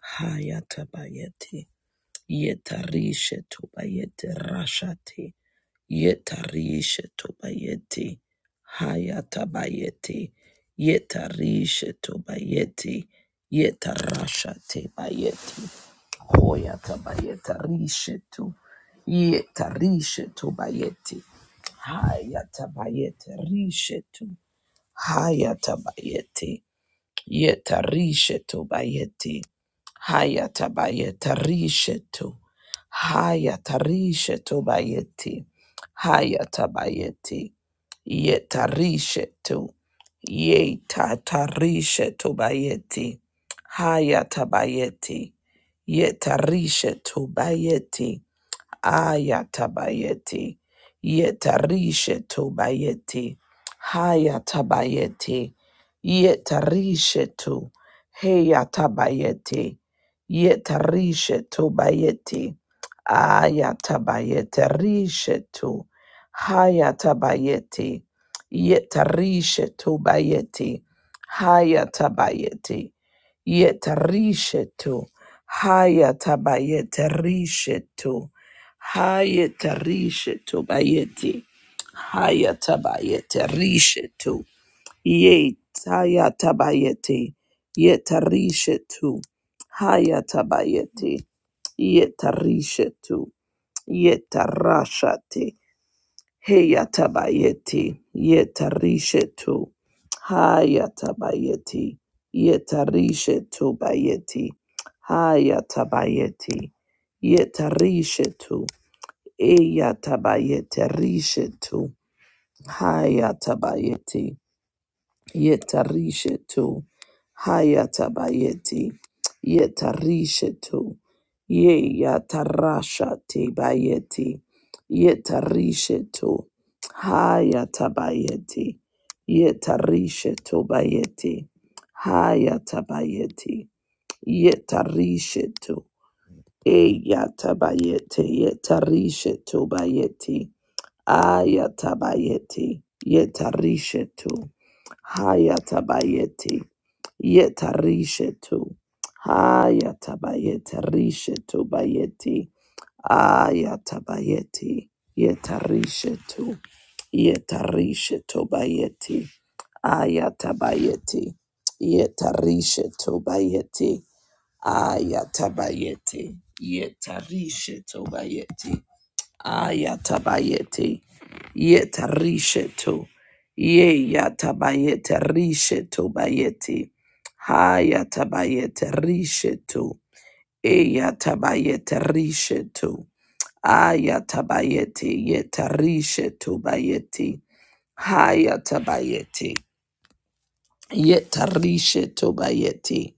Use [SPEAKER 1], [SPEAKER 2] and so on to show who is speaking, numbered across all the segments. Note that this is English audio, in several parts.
[SPEAKER 1] Hayatabayeti. Yetarishe tobayeti rashati. Yetarishe tobayeti. Hayatabayeti. Yetarishe tobayeti. Yetarashate bayeti. Hoyatabayeta rishe tu. Yetarishe tobayeti. Hayatabayeti rishe tu. Hayatabayeti. Yetarishetu bayeti. Hayatabayetarishetu. Hayatarishetu bayeti. Hayatabayeti. Yetarishetu. Yetatarishetu bayeti. Hayatabayeti. Yetarishetu bayeti. Ayatabayeti. Yetarishe tobayeti. Hayatabayeti. Yetarishe to. Heyatabayeti. Yetarishe tobayeti. Ayatabayeti. Rishe to. Hayatabayeti. Yetarishe tobayeti. Hayatabayeti. Yetarishe to. Hayatabayeti. Rishe to. Hayata rishetu bayeti. Hayata bayete rishetu. Yet hayata bayeti. Yeta rishetu. Hayata bayeti. Yeta rishetu. Yeta rashati. Heyata bayeti. Yeta rishetu. Hayata bayeti. Yeta rishetu bayeti. Hayata bayeti. Yeta rishetu. Eyatabayete rishetu. Hayatabayeti. Yetarishetu. Hayatabayeti. Yetarishetu. Yeyatarasha tebayeti. Yetarishetu. Hayatabayeti. Yetarishetu bayeti. Hayatabayeti. Yetarishetu. Eyatabayete. Yetarishetu bayeti. Ayatabayeti. Yetarishetu. Hayatabayeti. Yetarishetu. Hayatabayeti. Rishetu bayeti. Ayatabayeti. Yetarishetu. Yetarishetu bayeti. Ayatabayeti. Yetarishetu bayeti. Ayatabayeti. Yetarishetu bayeti. Ayatabayete. Yetarisheto. Ye yatabayete risheto bayete. Hayatabayete risheto. E yatabayete risheto. Ayatabayete yetarisheto bayete. Hayatabayete. Yetarishe to bayeti.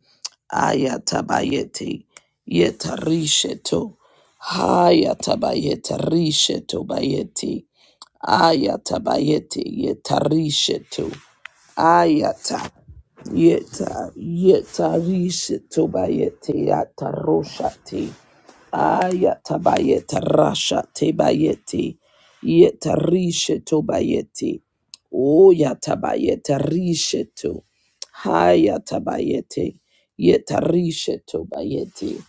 [SPEAKER 1] Ayatabayeti. Yetarishe to. Hayatabayetarishe to bayeti. Ayatabayeti. Yetarishe to. Ayata. Yeta. Yetarishe to bayeti. Yataroshati. Ayatabayeta rasha tebayeti. Yetarishe tobayeti. Oyatabayeta rishe to. Hayatabayete. Yetarishe tobayeti.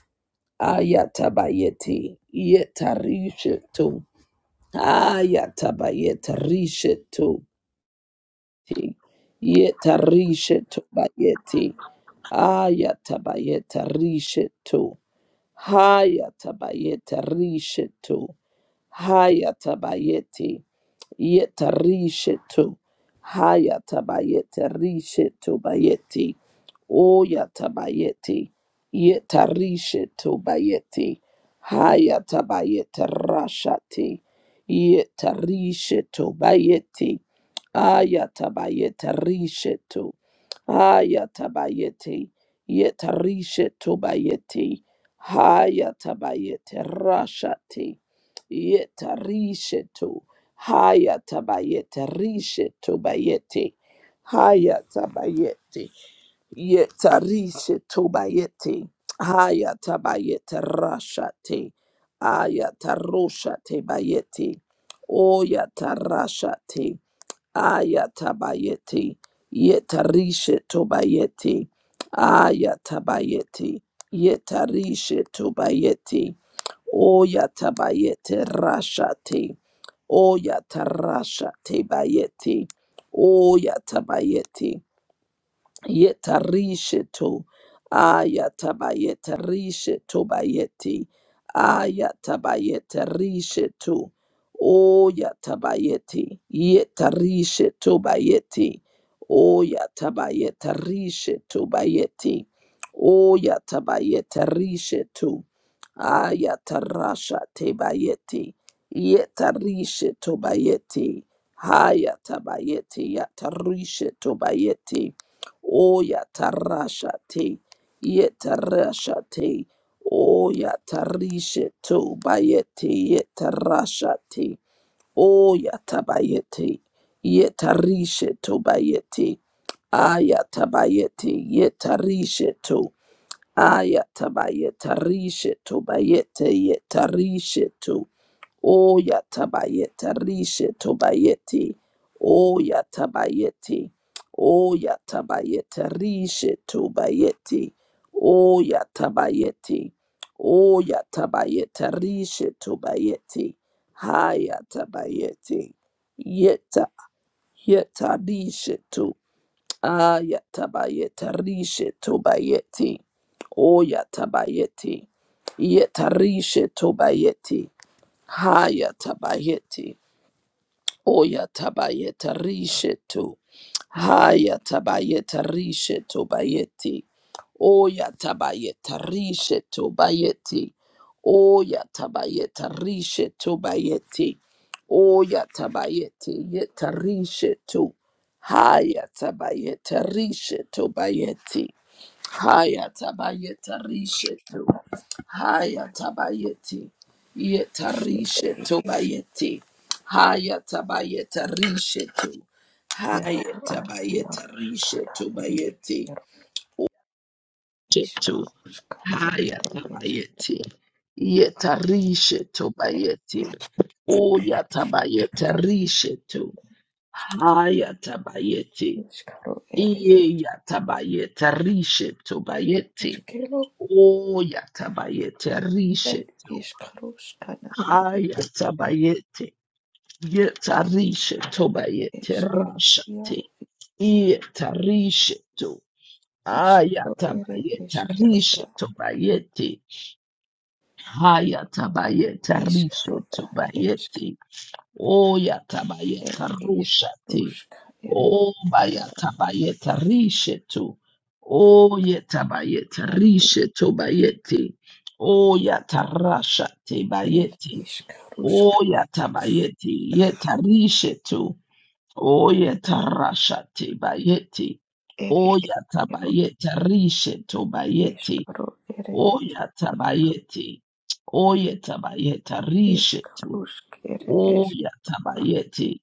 [SPEAKER 1] Ayatabayeti. Yetarishe to. Ayatabayeta rishe to. Yetarishe tobayeti. Ayatabayeta rishe to. Hayatabayete rishetu. Hayatabayeti. Yetarishetu. Hayatabayete rishetu bayeti. Oyatabayeti. Yetarishetu bayeti. Hayatabayete rashati. Yetarishetu bayeti. Ayatabayete rishetu. Ayatabayete. Yetarishetu bayeti. Hayatabayete rashati. Yetarishetu. Haya tabayete rishe tobayete. Haya tabayete. Yeta rishe tobayete. Haya tabayete rashate. Aya taroshate bayete. Oya tarashate. Ayatabayeti. Yetarisha tobayeti. Ayatabayeti. Yetarisha tobayeti. Oyatabayete rashati. Oyatarasha tebayeti. Oyatabayeti. Yetarisheto. Ayatabayetarisheto bayeti. Ayatabayetarisheto. O yatabayeti. Yetarisheto bayeti. O yatabayetarisheto bayeti. O yatabayetarisheto. Ayatarasha te bayeti. Yetarisheto bayeti. Hayatabayeti. Yatarisheto bayeti. Oya tarashate, yetarashate, oya tarishe to bayete, ye yetarashate, oya tabayete, ye yetarishe to bayete, aya tabayete, ye yetarishe to, aya tabayete, tabayetarishe to bayete, ye tarishe to. O yatabayeta rishe tobayeti. O yatabayeti. O yatabayeta rishe tobayeti. O yatabayeti. O yatabayeta rishe tobayeti. Hayatabayeti. Yeta yeta rishe to. Ayatabayeta rishe tobayeti. O yatabayeti. Yeta rishe tobayeti. Haya tabayeti. Oya tabayeta rishetu. Haya tabayeta rishetu bayeti. Oya tabayeta rishetu bayeti. Oya tabayeta rishetu bayeti. Oya tabayeti yeta rishetu. Haya tabayeta rishetu bayeti. Haya tabayeta rishetu. Haya tabayeti. Yeta
[SPEAKER 2] Ikiaro
[SPEAKER 1] rishetu bayeti. Haya tabayeta rishetu. Haya
[SPEAKER 2] ad
[SPEAKER 1] tabayeta
[SPEAKER 2] iaro
[SPEAKER 1] rishetu bayeti.
[SPEAKER 2] iaro
[SPEAKER 1] Shetu.
[SPEAKER 2] iskaro skaro
[SPEAKER 1] Haya
[SPEAKER 2] ere es
[SPEAKER 1] tabayeti. Yeta rishetu
[SPEAKER 2] es
[SPEAKER 1] bayeti. Oya tabayeta rishetu. Haya tabayeti.
[SPEAKER 2] iskaro ere es
[SPEAKER 1] Iye ya tabayeta rishetu bayeti.
[SPEAKER 2] askero
[SPEAKER 1] Oh, yatabayete
[SPEAKER 2] ad
[SPEAKER 1] rishetu.
[SPEAKER 2] iskaro skana
[SPEAKER 1] Ah,
[SPEAKER 2] ere eskero
[SPEAKER 1] yatabayete. Yetarishetu
[SPEAKER 2] ed
[SPEAKER 1] bayete
[SPEAKER 2] eskero
[SPEAKER 1] rashate.
[SPEAKER 2] iaro
[SPEAKER 1] Yetarishetu. Ah,
[SPEAKER 2] iskaro ere
[SPEAKER 1] yatabayete
[SPEAKER 2] eskero ad
[SPEAKER 1] rishetu bayete. Ah, yatabayete
[SPEAKER 2] iskaro
[SPEAKER 1] rishetu
[SPEAKER 2] ad esk
[SPEAKER 1] bayete. Oh
[SPEAKER 2] ed
[SPEAKER 1] yatabayeta
[SPEAKER 2] iskaro
[SPEAKER 1] rushati.
[SPEAKER 2] ska ere
[SPEAKER 1] Oh
[SPEAKER 2] eskero
[SPEAKER 1] bayatabayeta rishetu. Oh yetabayeta
[SPEAKER 2] ad ad
[SPEAKER 1] rishetu bayeti. Oh yatarashati
[SPEAKER 2] es
[SPEAKER 1] bayeti.
[SPEAKER 2] iskaro ska
[SPEAKER 1] Oh yatabayeti yetarishetu. Oh yetarashati bayeti.
[SPEAKER 2] ere
[SPEAKER 1] Oh
[SPEAKER 2] eskero
[SPEAKER 1] yatabayeta rishetu bayeti.
[SPEAKER 2] iskaro ere
[SPEAKER 1] Oh
[SPEAKER 2] es
[SPEAKER 1] yatabayeti. Oh yetabayeta rishetu.
[SPEAKER 2] Ishkarush kere
[SPEAKER 1] Oh
[SPEAKER 2] eshka,
[SPEAKER 1] yatabayeti.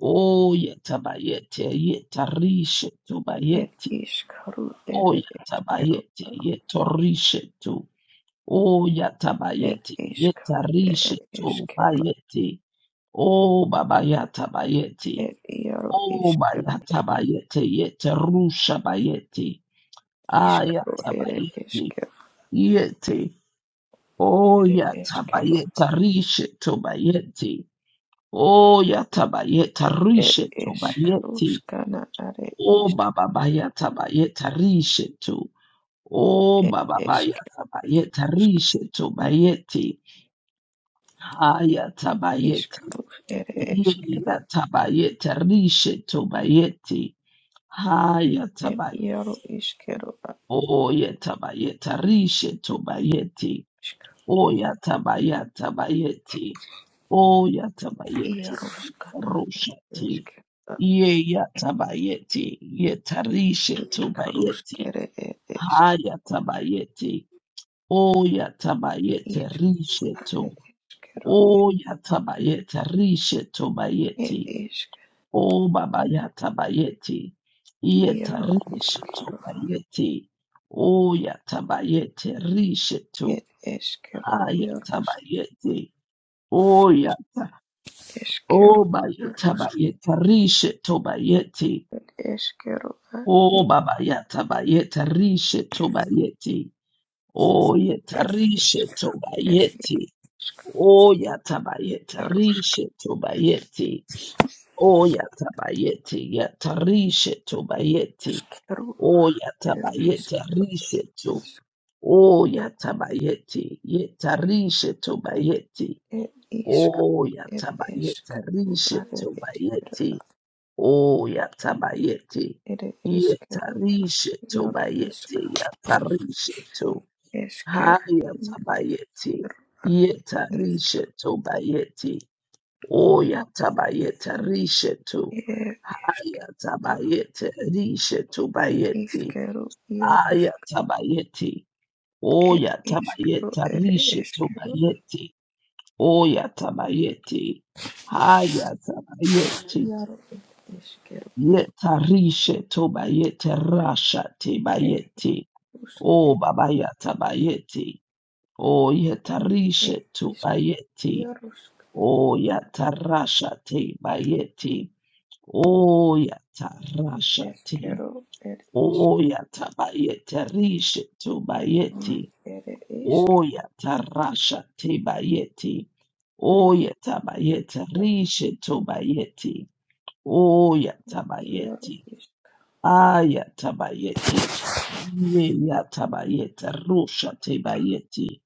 [SPEAKER 1] Oh yatabayeti. Yetarishe tu
[SPEAKER 2] et
[SPEAKER 1] bayeti.
[SPEAKER 2] ishkaru
[SPEAKER 1] Oh
[SPEAKER 2] ere eshkero,
[SPEAKER 1] yatabayeti. Yetorishe tu. Oh
[SPEAKER 2] et
[SPEAKER 1] yatabayeti.
[SPEAKER 2] ishkaru ere
[SPEAKER 1] Yetarishe tu
[SPEAKER 2] eshkero,
[SPEAKER 1] bayeti. o baba yatabayeti.
[SPEAKER 2] et iaro
[SPEAKER 1] Oh
[SPEAKER 2] ishkero,
[SPEAKER 1] bayatabayeti. Yeterusha bayeti.
[SPEAKER 2] ishkaru ere
[SPEAKER 1] Ayatabayeti.
[SPEAKER 2] eshkero,
[SPEAKER 1] Yeti. Oh
[SPEAKER 2] ere eshkero,
[SPEAKER 1] yatabayetarishe tu bayeti. Oh yatabayeta
[SPEAKER 2] et
[SPEAKER 1] rishetu bayeti.
[SPEAKER 2] ishkarushkana are
[SPEAKER 1] Oh
[SPEAKER 2] ish,
[SPEAKER 1] baba bayata bayeta rishetu. Oh
[SPEAKER 2] et
[SPEAKER 1] baba
[SPEAKER 2] eshkero,
[SPEAKER 1] bayata bayeta
[SPEAKER 2] iarushk,
[SPEAKER 1] rishetu bayeti. Hayata bayeti.
[SPEAKER 2] ishkarush ere eshkero,
[SPEAKER 1] Yata bayeta rishetu bayeti. Hayata
[SPEAKER 2] et
[SPEAKER 1] bayeti.
[SPEAKER 2] iaro ishkero, a
[SPEAKER 1] Oh yata bayeta rishetu bayeti.
[SPEAKER 2] ishka,
[SPEAKER 1] Oh yata bayata bayeti. Oh yata bayeti.
[SPEAKER 2] iarushkana
[SPEAKER 1] Rusheti.
[SPEAKER 2] eshkero,
[SPEAKER 1] Ye yatabayeti, yetarishe
[SPEAKER 2] ishkarush
[SPEAKER 1] tobayeti,
[SPEAKER 2] kere et eshk,
[SPEAKER 1] hayatabayeti, o yatabayete rishe
[SPEAKER 2] Ad
[SPEAKER 1] to,
[SPEAKER 2] eskero,
[SPEAKER 1] o yatabayete rishe
[SPEAKER 2] ed
[SPEAKER 1] tobayeti,
[SPEAKER 2] esk,
[SPEAKER 1] o baba yatabayeti,
[SPEAKER 2] iaro
[SPEAKER 1] yetarishe
[SPEAKER 2] iskero,
[SPEAKER 1] tobayeti, o yatabayete rishe to,
[SPEAKER 2] ed eskero, iaro
[SPEAKER 1] hayatabayeti, o yata, o
[SPEAKER 2] eskero,
[SPEAKER 1] bayetabayete rishe tobayeti,
[SPEAKER 2] ed eskero, ad
[SPEAKER 1] Oh
[SPEAKER 2] iaro,
[SPEAKER 1] baba yata bayeta rishe tobayeti. O yeta
[SPEAKER 2] ed isk,
[SPEAKER 1] rishe
[SPEAKER 2] ed iaro,
[SPEAKER 1] tobayeti. O yata bayeta
[SPEAKER 2] iaro,
[SPEAKER 1] rishe tobayeti. O yata bayeti yata rishe tobayeti.
[SPEAKER 2] eskero,
[SPEAKER 1] O yata
[SPEAKER 2] ed
[SPEAKER 1] bayeta
[SPEAKER 2] eskero,
[SPEAKER 1] rishe to.
[SPEAKER 2] isk,
[SPEAKER 1] O yata bayeti yeta rishe tobayeti.
[SPEAKER 2] ed isk,
[SPEAKER 1] O
[SPEAKER 2] ed
[SPEAKER 1] yata bayeta
[SPEAKER 2] esk,
[SPEAKER 1] rishe
[SPEAKER 2] ad
[SPEAKER 1] toba
[SPEAKER 2] eskero,
[SPEAKER 1] yeti. Oh, yatabayete.
[SPEAKER 2] ed eskero,
[SPEAKER 1] Yetarishe
[SPEAKER 2] iaro isk,
[SPEAKER 1] tobayete. Yatarishe to.
[SPEAKER 2] eskero,
[SPEAKER 1] Hayatabayete.
[SPEAKER 2] ed eskero,
[SPEAKER 1] Yetarishe tobayete. Oh, yatabayete rishe to.
[SPEAKER 2] ed isk,
[SPEAKER 1] Hayatabayete rishe tobayete.
[SPEAKER 2] iskero, iaro
[SPEAKER 1] Ayatabayete. Oh,
[SPEAKER 2] Ed iskru
[SPEAKER 1] yatabayete
[SPEAKER 2] ere
[SPEAKER 1] rishe
[SPEAKER 2] eskeru
[SPEAKER 1] tobayete. Oh, yatabayete. Hayatabayete.
[SPEAKER 2] iaro ed eskeru
[SPEAKER 1] Yetarishe tobayete rasha te
[SPEAKER 2] ed
[SPEAKER 1] tebayete.
[SPEAKER 2] usk
[SPEAKER 1] O
[SPEAKER 2] ed
[SPEAKER 1] babayata bayete. O
[SPEAKER 2] ed
[SPEAKER 1] yetarishe
[SPEAKER 2] isk
[SPEAKER 1] tobayete.
[SPEAKER 2] iarusk
[SPEAKER 1] O yatarasha tebayete. O yatarasha te.
[SPEAKER 2] eskeru ed isk
[SPEAKER 1] O yatabayete rishe to bayete,
[SPEAKER 2] ere isk
[SPEAKER 1] O yatarasha tebayete. O yatabayete
[SPEAKER 2] eskeru ad
[SPEAKER 1] rishe tobayete. O
[SPEAKER 2] iaru
[SPEAKER 1] yatabayete.
[SPEAKER 2] isk
[SPEAKER 1] Ayatabayeti. Yeyatabayeta rusha tebayeti.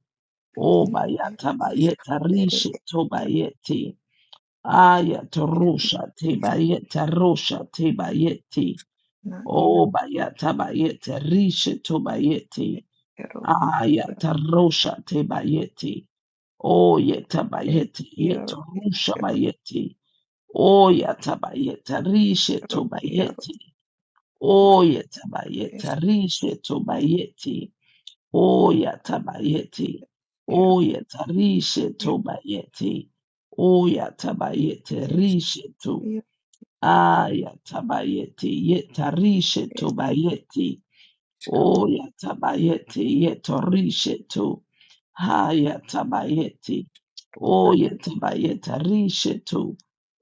[SPEAKER 2] ed iskru
[SPEAKER 1] Obayatabayeta
[SPEAKER 2] ere
[SPEAKER 1] rishe tobayeti.
[SPEAKER 2] ed isk
[SPEAKER 1] Ayatarusha
[SPEAKER 2] iskru
[SPEAKER 1] tebayeta rusha tebayeti.
[SPEAKER 2] na ia
[SPEAKER 1] Obayatabayeta rishe tobayeti.
[SPEAKER 2] eskeru ad iaru
[SPEAKER 1] Ayatarusha tebayeti.
[SPEAKER 2] ed
[SPEAKER 1] Oyetabayeti
[SPEAKER 2] iaru
[SPEAKER 1] yetarusha
[SPEAKER 2] iskero,
[SPEAKER 1] bayeti. Oyatabayeta rishe
[SPEAKER 2] iaru
[SPEAKER 1] tobayeti.
[SPEAKER 2] usk
[SPEAKER 1] Oya tabayeta rishe tobayeti. Oya tabayeti.
[SPEAKER 2] eskeru
[SPEAKER 1] Oya tarishe
[SPEAKER 2] ia
[SPEAKER 1] tobayeti. Oya tabayete
[SPEAKER 2] esk
[SPEAKER 1] rishe to.
[SPEAKER 2] ia
[SPEAKER 1] Aya tabayeti yeta rishe
[SPEAKER 2] ed
[SPEAKER 1] tobayeti. Oya tabayeti yeta rishe to. Haya
[SPEAKER 2] ed
[SPEAKER 1] tabayeti. Oya tabayeta rishe to.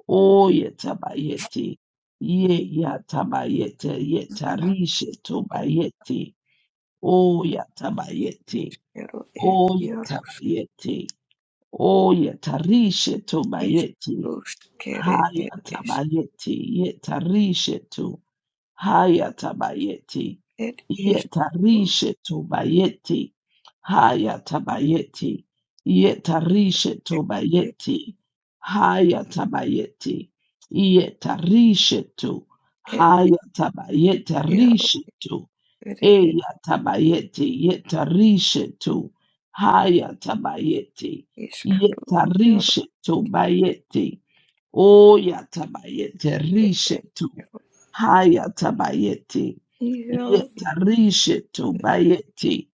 [SPEAKER 1] O yetabayeti. Ye yatabayete
[SPEAKER 2] ad
[SPEAKER 1] yetarishe tobayeti. O yatabayeti.
[SPEAKER 2] Ero er
[SPEAKER 1] O
[SPEAKER 2] iaro
[SPEAKER 1] yetabayeti. O yetarishe
[SPEAKER 2] is
[SPEAKER 1] tobayeti.
[SPEAKER 2] ruskere er es
[SPEAKER 1] Hayatabayeti yetarishe to. Hayatabayeti.
[SPEAKER 2] et is ruskere
[SPEAKER 1] Yetarishe tobayeti. Hayatabayeti. Yetarishe
[SPEAKER 2] er
[SPEAKER 1] tobayeti. Hayatabayeti. Yetarishe to.
[SPEAKER 2] et er
[SPEAKER 1] Hayatabayeti
[SPEAKER 2] iaro
[SPEAKER 1] rishe to.
[SPEAKER 2] er er
[SPEAKER 1] Eyatabayeti. Yetarishe to. Hayatabayeti.
[SPEAKER 2] iskaru iaro
[SPEAKER 1] Yetarishe tobayeti. O yatabayete
[SPEAKER 2] er er
[SPEAKER 1] rishetu.
[SPEAKER 2] iaro
[SPEAKER 1] Hayatabayete.
[SPEAKER 2] iaro
[SPEAKER 1] Yetarishetu bayete.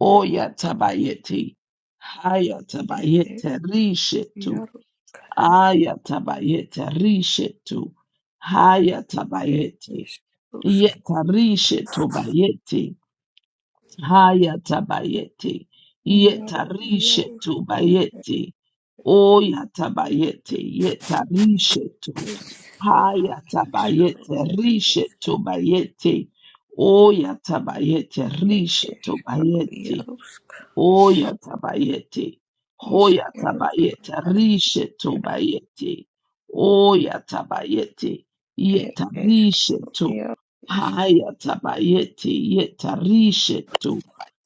[SPEAKER 1] O yatabayete.
[SPEAKER 2] er er
[SPEAKER 1] Hayatabayete rishetu.
[SPEAKER 2] iaro kana
[SPEAKER 1] Ayatabayete rishetu.
[SPEAKER 2] er
[SPEAKER 1] Hayatabayete.
[SPEAKER 2] is rusk
[SPEAKER 1] Yetarishetu bayete. Haya tabayete.
[SPEAKER 2] iaro
[SPEAKER 1] Yetarishe
[SPEAKER 2] iaro
[SPEAKER 1] tu
[SPEAKER 2] sana er
[SPEAKER 1] bayete.
[SPEAKER 2] ero
[SPEAKER 1] Oya tabayete. Yetarishe tu.
[SPEAKER 2] iskaru
[SPEAKER 1] Haya
[SPEAKER 2] iskaru
[SPEAKER 1] tabayete. Rishe tu bayete. Oya tabayete.
[SPEAKER 2] er
[SPEAKER 1] Rishe
[SPEAKER 2] er
[SPEAKER 1] tu
[SPEAKER 2] iskaru
[SPEAKER 1] bayete.
[SPEAKER 2] iaro
[SPEAKER 1] Oya tabayete. Hoya
[SPEAKER 2] iskaru er
[SPEAKER 1] tabayete.
[SPEAKER 2] er
[SPEAKER 1] Rishe to
[SPEAKER 2] ero
[SPEAKER 1] bayete. Oya tabayete.
[SPEAKER 2] er
[SPEAKER 1] Yeta rishe
[SPEAKER 2] iskaru
[SPEAKER 1] to.
[SPEAKER 2] iaro
[SPEAKER 1] Haya tabayete. Yeta rishe to.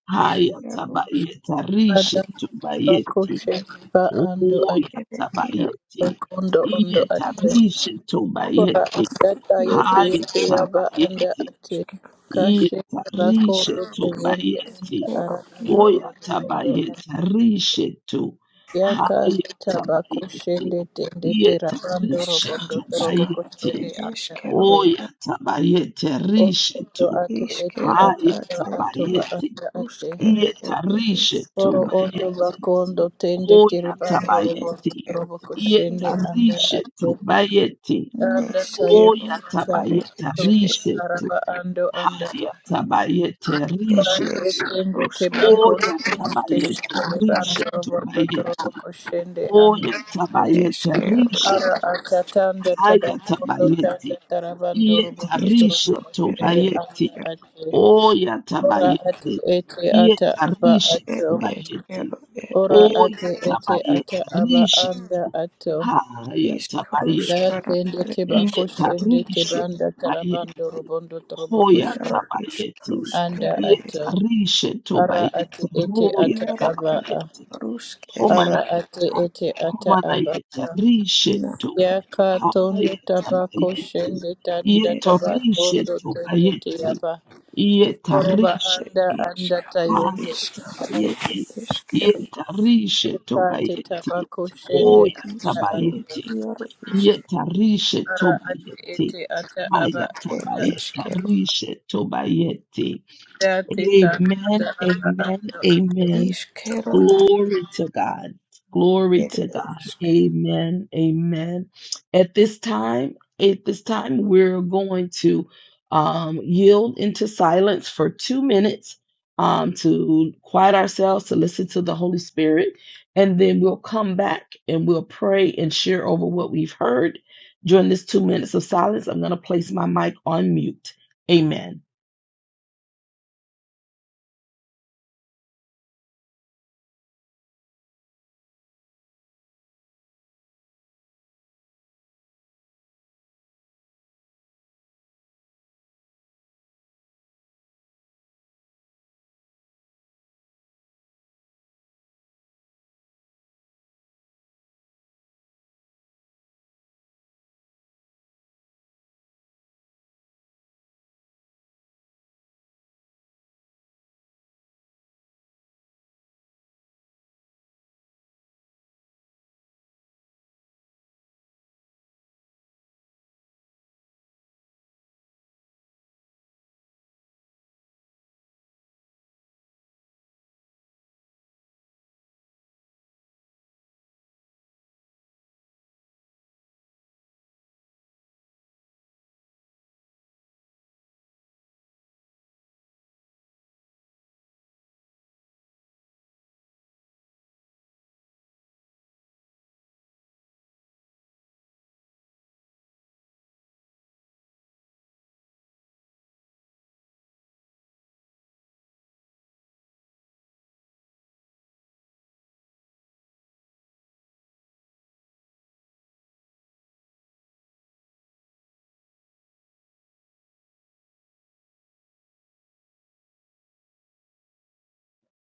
[SPEAKER 1] Haya
[SPEAKER 2] Išskyrus
[SPEAKER 1] tabayete. Rishe
[SPEAKER 3] Adamba
[SPEAKER 1] to bayete.
[SPEAKER 3] kushemba ando
[SPEAKER 1] Oya
[SPEAKER 3] ateba
[SPEAKER 2] katerį yra
[SPEAKER 1] tabayete.
[SPEAKER 3] kondo ondo
[SPEAKER 1] Yeta
[SPEAKER 3] ate.
[SPEAKER 1] rishe
[SPEAKER 3] Kora
[SPEAKER 1] tobayete.
[SPEAKER 3] adata yete
[SPEAKER 2] vyrus
[SPEAKER 1] Haya
[SPEAKER 3] yete yaba
[SPEAKER 2] ir
[SPEAKER 3] anda
[SPEAKER 1] tabayete.
[SPEAKER 3] ate.
[SPEAKER 2] išskyrus
[SPEAKER 3] Kashe
[SPEAKER 1] Yeta rishe
[SPEAKER 3] bakondo
[SPEAKER 1] to
[SPEAKER 3] teyende anda
[SPEAKER 1] bayete.
[SPEAKER 2] vyrų
[SPEAKER 3] ara ando
[SPEAKER 2] vyrų
[SPEAKER 1] Oya
[SPEAKER 3] orobo ondo ate.
[SPEAKER 1] tabayeta rishetu.
[SPEAKER 3] Yaka
[SPEAKER 1] Haya
[SPEAKER 3] taba
[SPEAKER 1] tabayeti.
[SPEAKER 3] kushende tende
[SPEAKER 1] Yeta
[SPEAKER 3] terabando robondo
[SPEAKER 1] rishetu
[SPEAKER 2] išskyrus
[SPEAKER 3] torobo
[SPEAKER 1] bayeti.
[SPEAKER 2] katerį
[SPEAKER 3] kushende anda
[SPEAKER 2] išskyrų
[SPEAKER 3] ate.
[SPEAKER 1] Oya
[SPEAKER 2] ir
[SPEAKER 1] tabayete
[SPEAKER 3] Orobo
[SPEAKER 1] rishetu.
[SPEAKER 3] ate ete
[SPEAKER 2] išskyrų
[SPEAKER 1] Haya
[SPEAKER 2] ir
[SPEAKER 3] ataba atoba
[SPEAKER 1] tabayeti.
[SPEAKER 3] anda
[SPEAKER 2] išskyrus
[SPEAKER 3] ate.
[SPEAKER 2] katerį
[SPEAKER 1] Yeta
[SPEAKER 2] ir
[SPEAKER 1] rishetu
[SPEAKER 3] Oro
[SPEAKER 2] išskyrų
[SPEAKER 3] ondo
[SPEAKER 1] bayeti.
[SPEAKER 3] bakondo tende
[SPEAKER 1] Oya
[SPEAKER 2] ir
[SPEAKER 3] tiribando, bando robo
[SPEAKER 1] tabayeti.
[SPEAKER 3] robo
[SPEAKER 2] išskyrų
[SPEAKER 1] Yeta
[SPEAKER 3] koshende anda
[SPEAKER 1] rishetu
[SPEAKER 3] ate
[SPEAKER 1] bayeti.
[SPEAKER 3] anda taye
[SPEAKER 2] neišskyrų
[SPEAKER 1] Oya
[SPEAKER 3] ta
[SPEAKER 2] ar
[SPEAKER 1] tabayete
[SPEAKER 3] to
[SPEAKER 2] išskyrų
[SPEAKER 1] rishetu.
[SPEAKER 3] araba ando anda
[SPEAKER 1] Haya tabayete
[SPEAKER 2] ir
[SPEAKER 3] ando
[SPEAKER 1] rishetu.
[SPEAKER 3] tende
[SPEAKER 2] išskyrus
[SPEAKER 3] te
[SPEAKER 2] katerį
[SPEAKER 1] Oya
[SPEAKER 3] tende tende
[SPEAKER 1] tabayete
[SPEAKER 2] išskyrų išskyrų
[SPEAKER 3] tiribando
[SPEAKER 1] rishe
[SPEAKER 3] bando robo ndo robo
[SPEAKER 1] tubayete.
[SPEAKER 3] koshende anda
[SPEAKER 1] Oya
[SPEAKER 3] ate
[SPEAKER 1] tabayete rishe
[SPEAKER 3] ara
[SPEAKER 2] ir
[SPEAKER 1] tu.
[SPEAKER 3] ata tanda
[SPEAKER 1] Haya
[SPEAKER 3] tabakondo
[SPEAKER 1] tabayete.
[SPEAKER 3] tanda tarabando robo
[SPEAKER 1] Yeta
[SPEAKER 3] ndo robo
[SPEAKER 1] rishe
[SPEAKER 2] išskyrų
[SPEAKER 3] koshende
[SPEAKER 1] tubayete.
[SPEAKER 3] anda ate
[SPEAKER 1] Oya
[SPEAKER 3] ora atu
[SPEAKER 1] tabayete.
[SPEAKER 3] ete ata
[SPEAKER 1] Yeta
[SPEAKER 3] aba
[SPEAKER 1] rishe
[SPEAKER 2] ir
[SPEAKER 3] ato
[SPEAKER 1] tubayete.
[SPEAKER 3] Ora
[SPEAKER 2] išskyrų
[SPEAKER 1] Oya
[SPEAKER 3] ate ete ata
[SPEAKER 1] tabayete
[SPEAKER 3] aba
[SPEAKER 1] rishe
[SPEAKER 3] anda
[SPEAKER 1] tu.
[SPEAKER 3] ato.
[SPEAKER 1] Haya tabayete.
[SPEAKER 2] Ishkarushkana
[SPEAKER 3] Dakende
[SPEAKER 2] are
[SPEAKER 3] teba
[SPEAKER 2] ishkaru
[SPEAKER 3] koshende
[SPEAKER 1] Yetarishe
[SPEAKER 3] tebanda tarabando
[SPEAKER 1] Bayeti.
[SPEAKER 3] robondo trobo
[SPEAKER 1] Hoya
[SPEAKER 3] koshe
[SPEAKER 2] iaro
[SPEAKER 1] Tabayeti.
[SPEAKER 3] anda
[SPEAKER 2] ishkarushkere
[SPEAKER 3] ato.
[SPEAKER 1] Yetarishe
[SPEAKER 3] Ara ate
[SPEAKER 1] Tobayeti.
[SPEAKER 3] ete
[SPEAKER 1] Roya
[SPEAKER 3] ata
[SPEAKER 2] iaro
[SPEAKER 3] aba a.
[SPEAKER 1] Tabayeti.
[SPEAKER 2] ishkarushkere
[SPEAKER 3] Ara ate
[SPEAKER 1] Homanayata.
[SPEAKER 3] ete ata aba
[SPEAKER 1] Homanayeta
[SPEAKER 3] a.
[SPEAKER 1] Rishe
[SPEAKER 2] na
[SPEAKER 1] To.
[SPEAKER 3] Yaka tondo
[SPEAKER 1] Haya
[SPEAKER 3] taba
[SPEAKER 1] Tabayeti.
[SPEAKER 3] koshende tanda
[SPEAKER 2] ed
[SPEAKER 3] taba
[SPEAKER 1] Yetorishe
[SPEAKER 2] ishkaru
[SPEAKER 3] tondo tende te
[SPEAKER 1] Tobayeti.
[SPEAKER 3] Koroba
[SPEAKER 1] Yetarishe
[SPEAKER 2] ed
[SPEAKER 3] anda anda
[SPEAKER 2] ishkaru
[SPEAKER 3] tayende
[SPEAKER 1] Haya
[SPEAKER 3] anda
[SPEAKER 2] ishkaru ed
[SPEAKER 3] ato.
[SPEAKER 1] tabayeti,
[SPEAKER 2] ishkaru
[SPEAKER 1] yetarishe
[SPEAKER 3] Yaka te
[SPEAKER 1] tobayeti,
[SPEAKER 3] taba
[SPEAKER 2] ed
[SPEAKER 3] koshende
[SPEAKER 1] hoya
[SPEAKER 3] anda
[SPEAKER 2] ishkaru
[SPEAKER 3] ato.
[SPEAKER 1] tabayeti,
[SPEAKER 2] iaro ishkaru
[SPEAKER 1] yetarishe
[SPEAKER 3] ara ate
[SPEAKER 1] tobayeti,
[SPEAKER 3] ete ata aba
[SPEAKER 1] haya
[SPEAKER 2] ed
[SPEAKER 3] anda
[SPEAKER 2] ishkaru
[SPEAKER 1] tabayetarishe tobayeti.
[SPEAKER 3] da teta
[SPEAKER 1] Amen,
[SPEAKER 3] da aba
[SPEAKER 1] amen,
[SPEAKER 3] ando ate
[SPEAKER 1] amen.
[SPEAKER 3] aba
[SPEAKER 2] ishkaru
[SPEAKER 3] ando.
[SPEAKER 2] at
[SPEAKER 1] Glory to God. Glory
[SPEAKER 2] ed
[SPEAKER 1] to God.
[SPEAKER 2] ishkaru.
[SPEAKER 1] Amen. Amen. At this time, at this time, we're going to um, yield into silence for two minutes um, to quiet ourselves, to listen to the Holy Spirit, and then we'll come back and we'll pray and share over what we've heard. During this two minutes of silence, I'm going to place my mic on mute. Amen.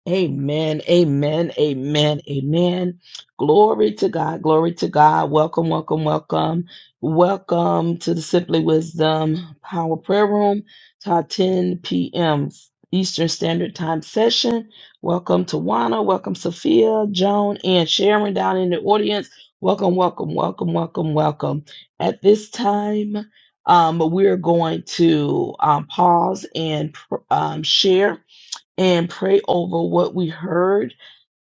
[SPEAKER 1] Amen, amen, amen, amen. Glory to God, glory to God. Welcome, welcome, welcome. Welcome to the Simply Wisdom Power Prayer Room, to our 10 p.m. Eastern Standard Time session. Welcome to Wana, welcome Sophia, Joan, and Sharon down in the audience. Welcome, welcome, welcome, welcome, welcome. At this time, um, we're going to um, pause and pr- um, share and pray over what we heard,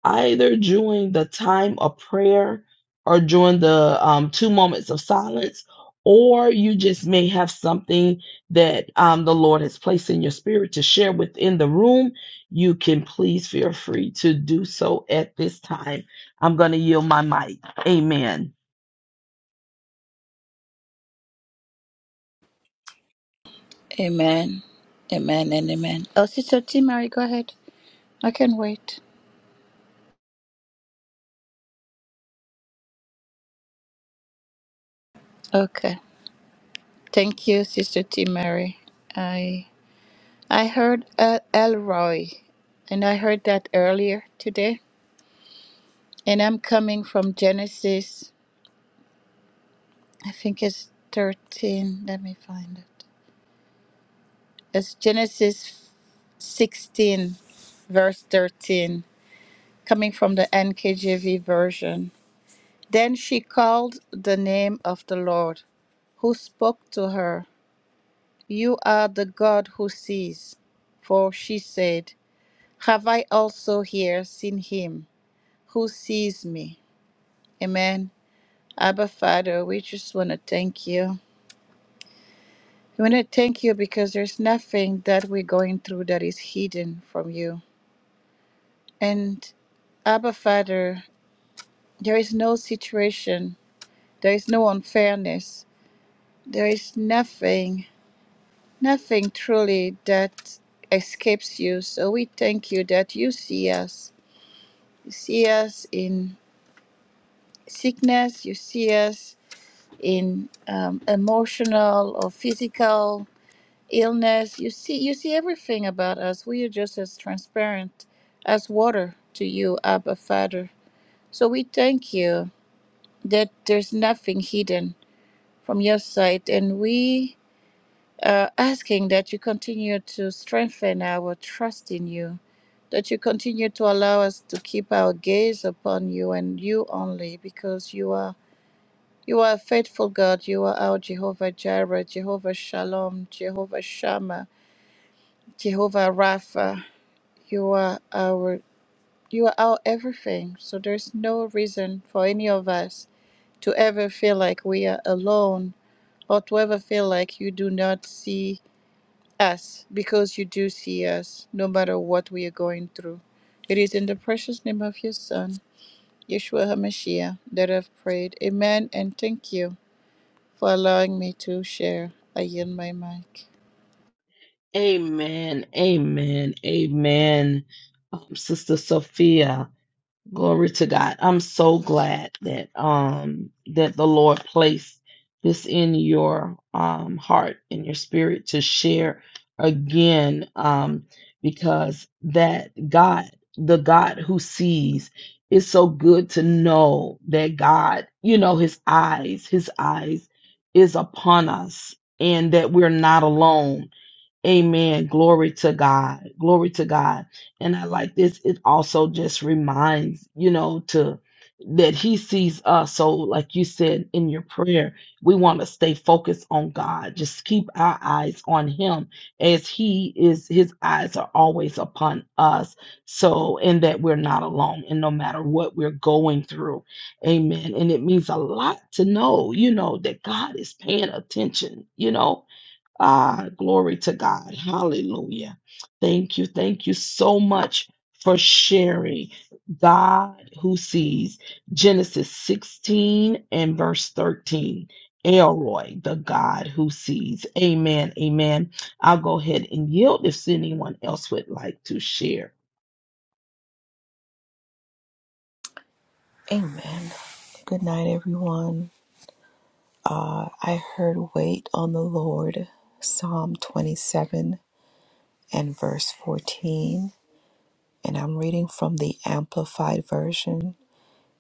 [SPEAKER 1] either during the time of prayer or during the um, two moments of silence, or you just may have something that um, the Lord has placed in your spirit to share within the room. You can please feel free to do so at this time. I'm going to yield my mic. Amen.
[SPEAKER 3] Amen. Amen and amen. Oh, Sister T. Mary, go ahead. I can wait. Okay. Thank you, Sister T. Mary. I I heard El- Elroy, and I heard that earlier today. And I'm coming from Genesis. I think it's 13. Let me find it. It's Genesis 16, verse 13. coming from the NKJV version. Then she called the name of the Lord, who spoke to her, You are the God who sees. For she said, Have I also here seen him who sees me? Amen. Abba, Father, we just want to thank you. We want to thank you because there's nothing that we're going through that is hidden from you. And Abba, Father, there is no situation, there is no unfairness There is nothing, nothing truly that escapes you. So we thank you that you see us. You see us in sickness, you see us in um, emotional or physical illness. You see, you see everything about us. We are just as transparent as water to you, Abba Father. So we thank you that there's nothing hidden from your sight, and we uh, asking that you continue to strengthen our trust in you, that you continue to allow us to keep our gaze upon you and you only, because you are you are a faithful God. You are our Jehovah Jireh, Jehovah Shalom, Jehovah Shammah, Jehovah Rapha. You are our you are our everything. So there's no reason for any of us to ever feel like we are alone or to ever feel like you do not see us because you do see us no matter what we are going through. It is in the precious name of your Son, Yeshua HaMashiach, that I've prayed. Amen. And thank you for allowing me to share. I yield my mic.
[SPEAKER 1] Amen. Amen. Amen. Um, Sister Sophia. Glory to God. I'm so glad that um that the Lord placed this in your um heart and your spirit to share again um because that God, the God who sees, is so good to know that God, you know, his eyes, his eyes is upon us and that we're not alone Amen. Glory to God. Glory to God. And I like this. It also just reminds, you know, to that he sees us. So, like you said in your prayer, we want to stay focused on God. Just keep our eyes on him as he is, his eyes are always upon us. So, and that we're not alone. And no matter what we're going through, amen. And it means a lot to know, you know, that God is paying attention, you know Ah, glory to God. Hallelujah. Thank you. Thank you so much for sharing. God who sees Genesis 16 and verse 13. Elroy, the God who sees. Amen. Amen. I'll go ahead and yield if anyone else would like to share.
[SPEAKER 2] Amen. Good night, everyone. Uh, I heard wait on the Lord, Psalm 27 and verse 14. and I'm reading from the Amplified Version.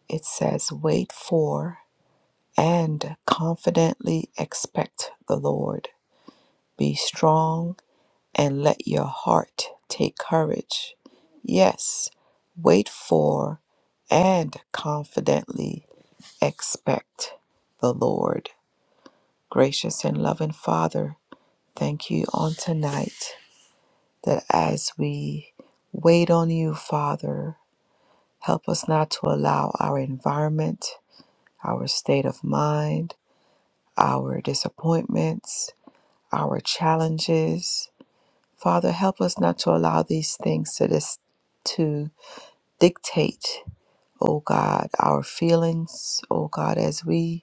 [SPEAKER 2] It says, Wait for and confidently expect the Lord. Be strong and let your heart take courage. Yes, wait for and confidently expect the Lord. Gracious and loving Father, thank you on tonight that as we wait on you, Father, Help us not to allow our environment, our state of mind, our disappointments, our challenges. Father, help us not to allow these things to dis- to dictate, oh God, our feelings, oh God, as we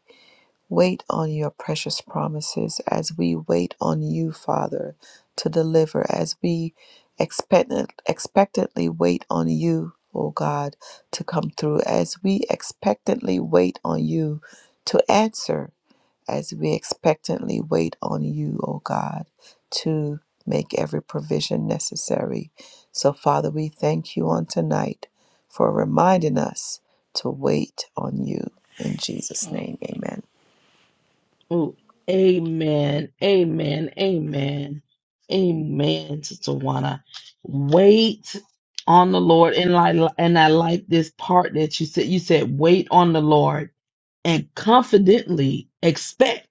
[SPEAKER 2] Wait on your precious promises as we wait on you, Father, to deliver, as we expectant, expectantly wait on you, O God, to come through, as we expectantly wait on you to answer, as we expectantly wait on you, O God, to make every provision necessary. So, Father, we thank you on tonight for reminding us to wait on you. In Jesus' name, amen.
[SPEAKER 1] Ooh, amen, amen, amen, amen, Sister Juana. Wait on the Lord, and I and I like this part that you said. You said, "Wait on the Lord and confidently expect."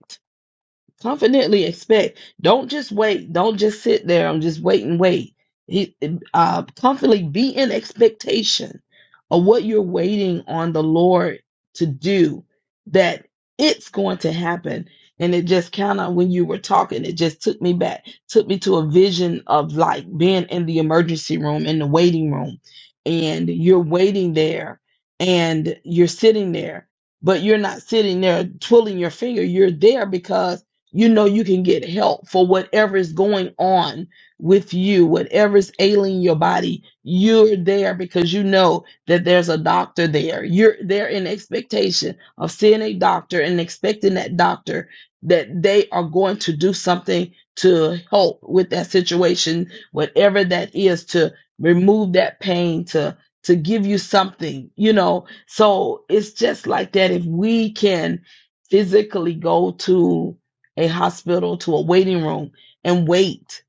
[SPEAKER 1] confidently expect don't just wait don't just sit there and just wait and wait he uh confidently be in expectation of what you're waiting on the lord to do that it's going to happen and it just kind of when you were talking it just took me back took me to a vision of like being in the emergency room in the waiting room and you're waiting there and you're sitting there but you're not sitting there twiddling your finger you're there because you know you can get help for whatever is going on with you, whatever is ailing your body. You're there because you know that there's a doctor there. You're there in expectation of seeing a doctor and expecting that doctor that they are going to do something to help with that situation, whatever that is, to remove that pain, to to give you something, you know. So it's just like that. If we can physically go to a hospital to a waiting room and wait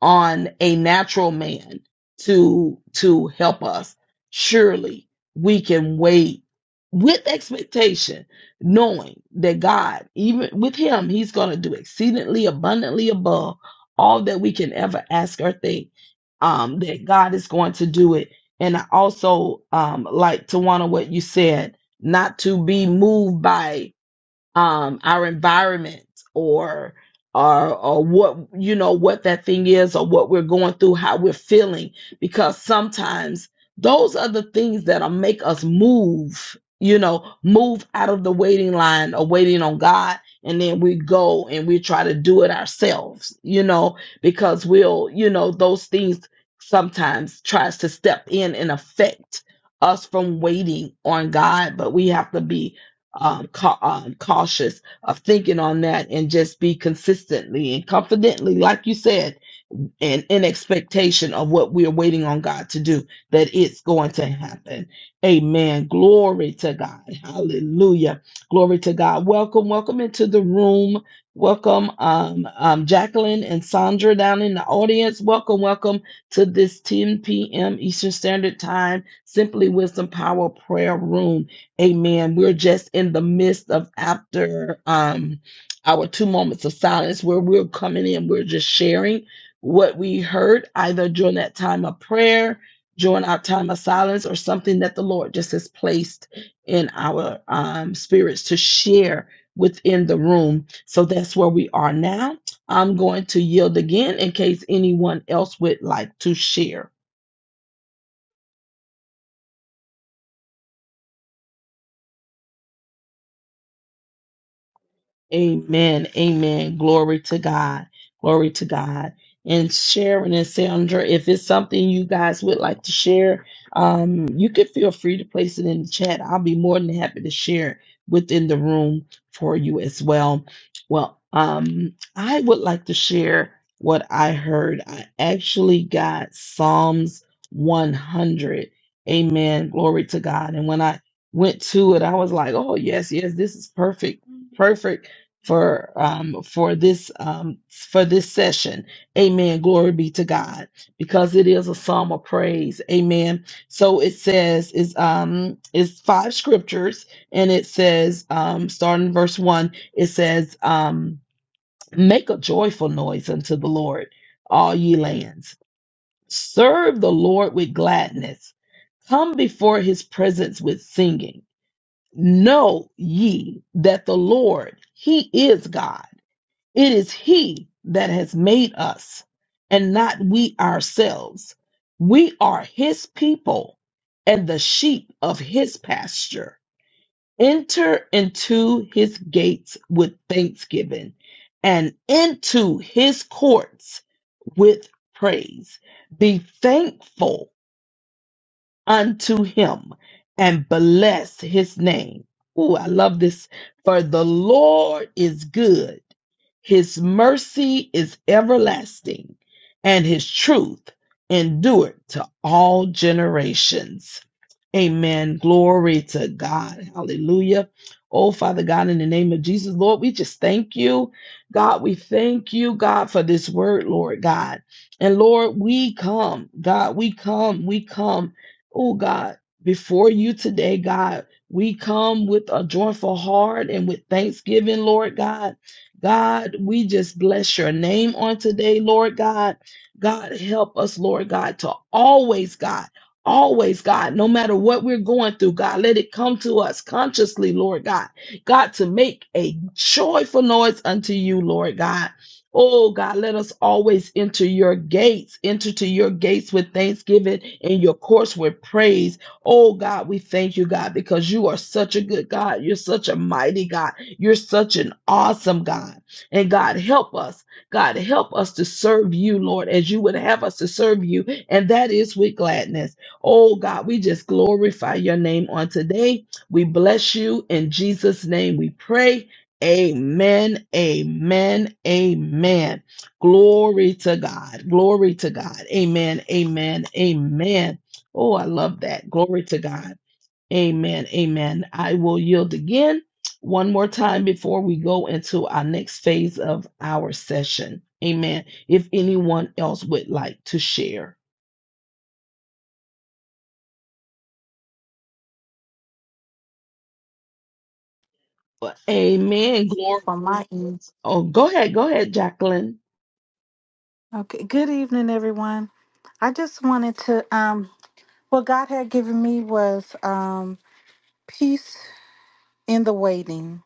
[SPEAKER 1] on a natural man to to help us surely we can wait with expectation knowing that god even with him he's going to do exceedingly abundantly above all that we can ever ask or think um that god is going to do it and i also um like to what you said not to be moved by um, our environment or or or what you know what that thing is or what we're going through, how we're feeling, because sometimes those are the things that'll make us move, you know, move out of the waiting line or waiting on God. And then we go and we try to do it ourselves, you know, because we'll, you know, those things sometimes tries to step in and affect us from waiting on God, but we have to be um, ca- um, cautious of thinking on that and just be consistently and confidently, like you said, and in expectation of what we're waiting on God to do, that it's going to happen. Amen. Glory to God. Hallelujah. Glory to God. Welcome, welcome into the room. Welcome, um, um, Jacqueline and Sandra down in the audience. Welcome, welcome to this 10 p.m. Eastern Standard Time, Simply Wisdom Power Prayer Room. Amen. We're just in the midst of after um, our two moments of silence where we're coming in, we're just sharing what we heard either during that time of prayer, during our time of silence, or something that the Lord just has placed in our um, spirits to share within the room. So that's where we are now. I'm going to yield again in case anyone else would like to share. Amen. Amen. Glory to God. Glory to God. And Sharon and Sandra, if it's something you guys would like to share, um, you could feel free to place it in the chat. I'll be more than happy to share it within the room for you as well. Well, um, I would like to share what I heard. I actually got Psalms 100. Amen. Glory to God. And when I went to it, I was like, oh, yes, yes, this is perfect. Perfect for um for this um for this session amen glory be to god because it is a psalm of praise amen so it says is um is five scriptures and it says um starting verse one it says um make a joyful noise unto the lord all ye lands serve the lord with gladness come before his presence with singing know ye that the lord he is god it is He that has made us and not we ourselves. We are His people and the sheep of His pasture. Enter into His gates with thanksgiving and into His courts with praise. Be thankful unto him and bless his name. Ooh, I love this. For the Lord is good, his mercy is everlasting, and his truth endured to all generations. Amen. Glory to God. Hallelujah. Oh, Father God, in the name of Jesus, Lord, we just thank you. God, we thank you, God, for this word, Lord God. And Lord, we come, God, we come, we come. Oh God, before you today, God, we come with a joyful heart and with thanksgiving, Lord God. God, we just bless your name on today, Lord God. God, help us, Lord God, to always, God, always, God, no matter what we're going through, God, let it come to us consciously, Lord God. God, to make a joyful noise unto you, Lord God. Oh God, let us always enter your gates, enter to your gates with thanksgiving and your courts with praise. Oh God, we thank you, God, because you are such a good God. You're such a mighty God. You're such an awesome God. And God, help us. God, help us to serve you, Lord, as you would have us to serve you. And that is with gladness. Oh God, we just glorify your name on today. We bless you. In Jesus' name we pray. Amen, amen, amen. Glory to God, glory to God. Amen, amen, amen. Oh, I love that. Glory to God. Amen, amen. I will yield again one more time before we go into our next phase of our session. Amen. If anyone else would like to share. Amen. Glory.
[SPEAKER 4] on my end.
[SPEAKER 1] Oh, go ahead, go ahead, Jacqueline.
[SPEAKER 4] Okay. Good evening, everyone. I just wanted to um what God had given me was um peace in the waiting.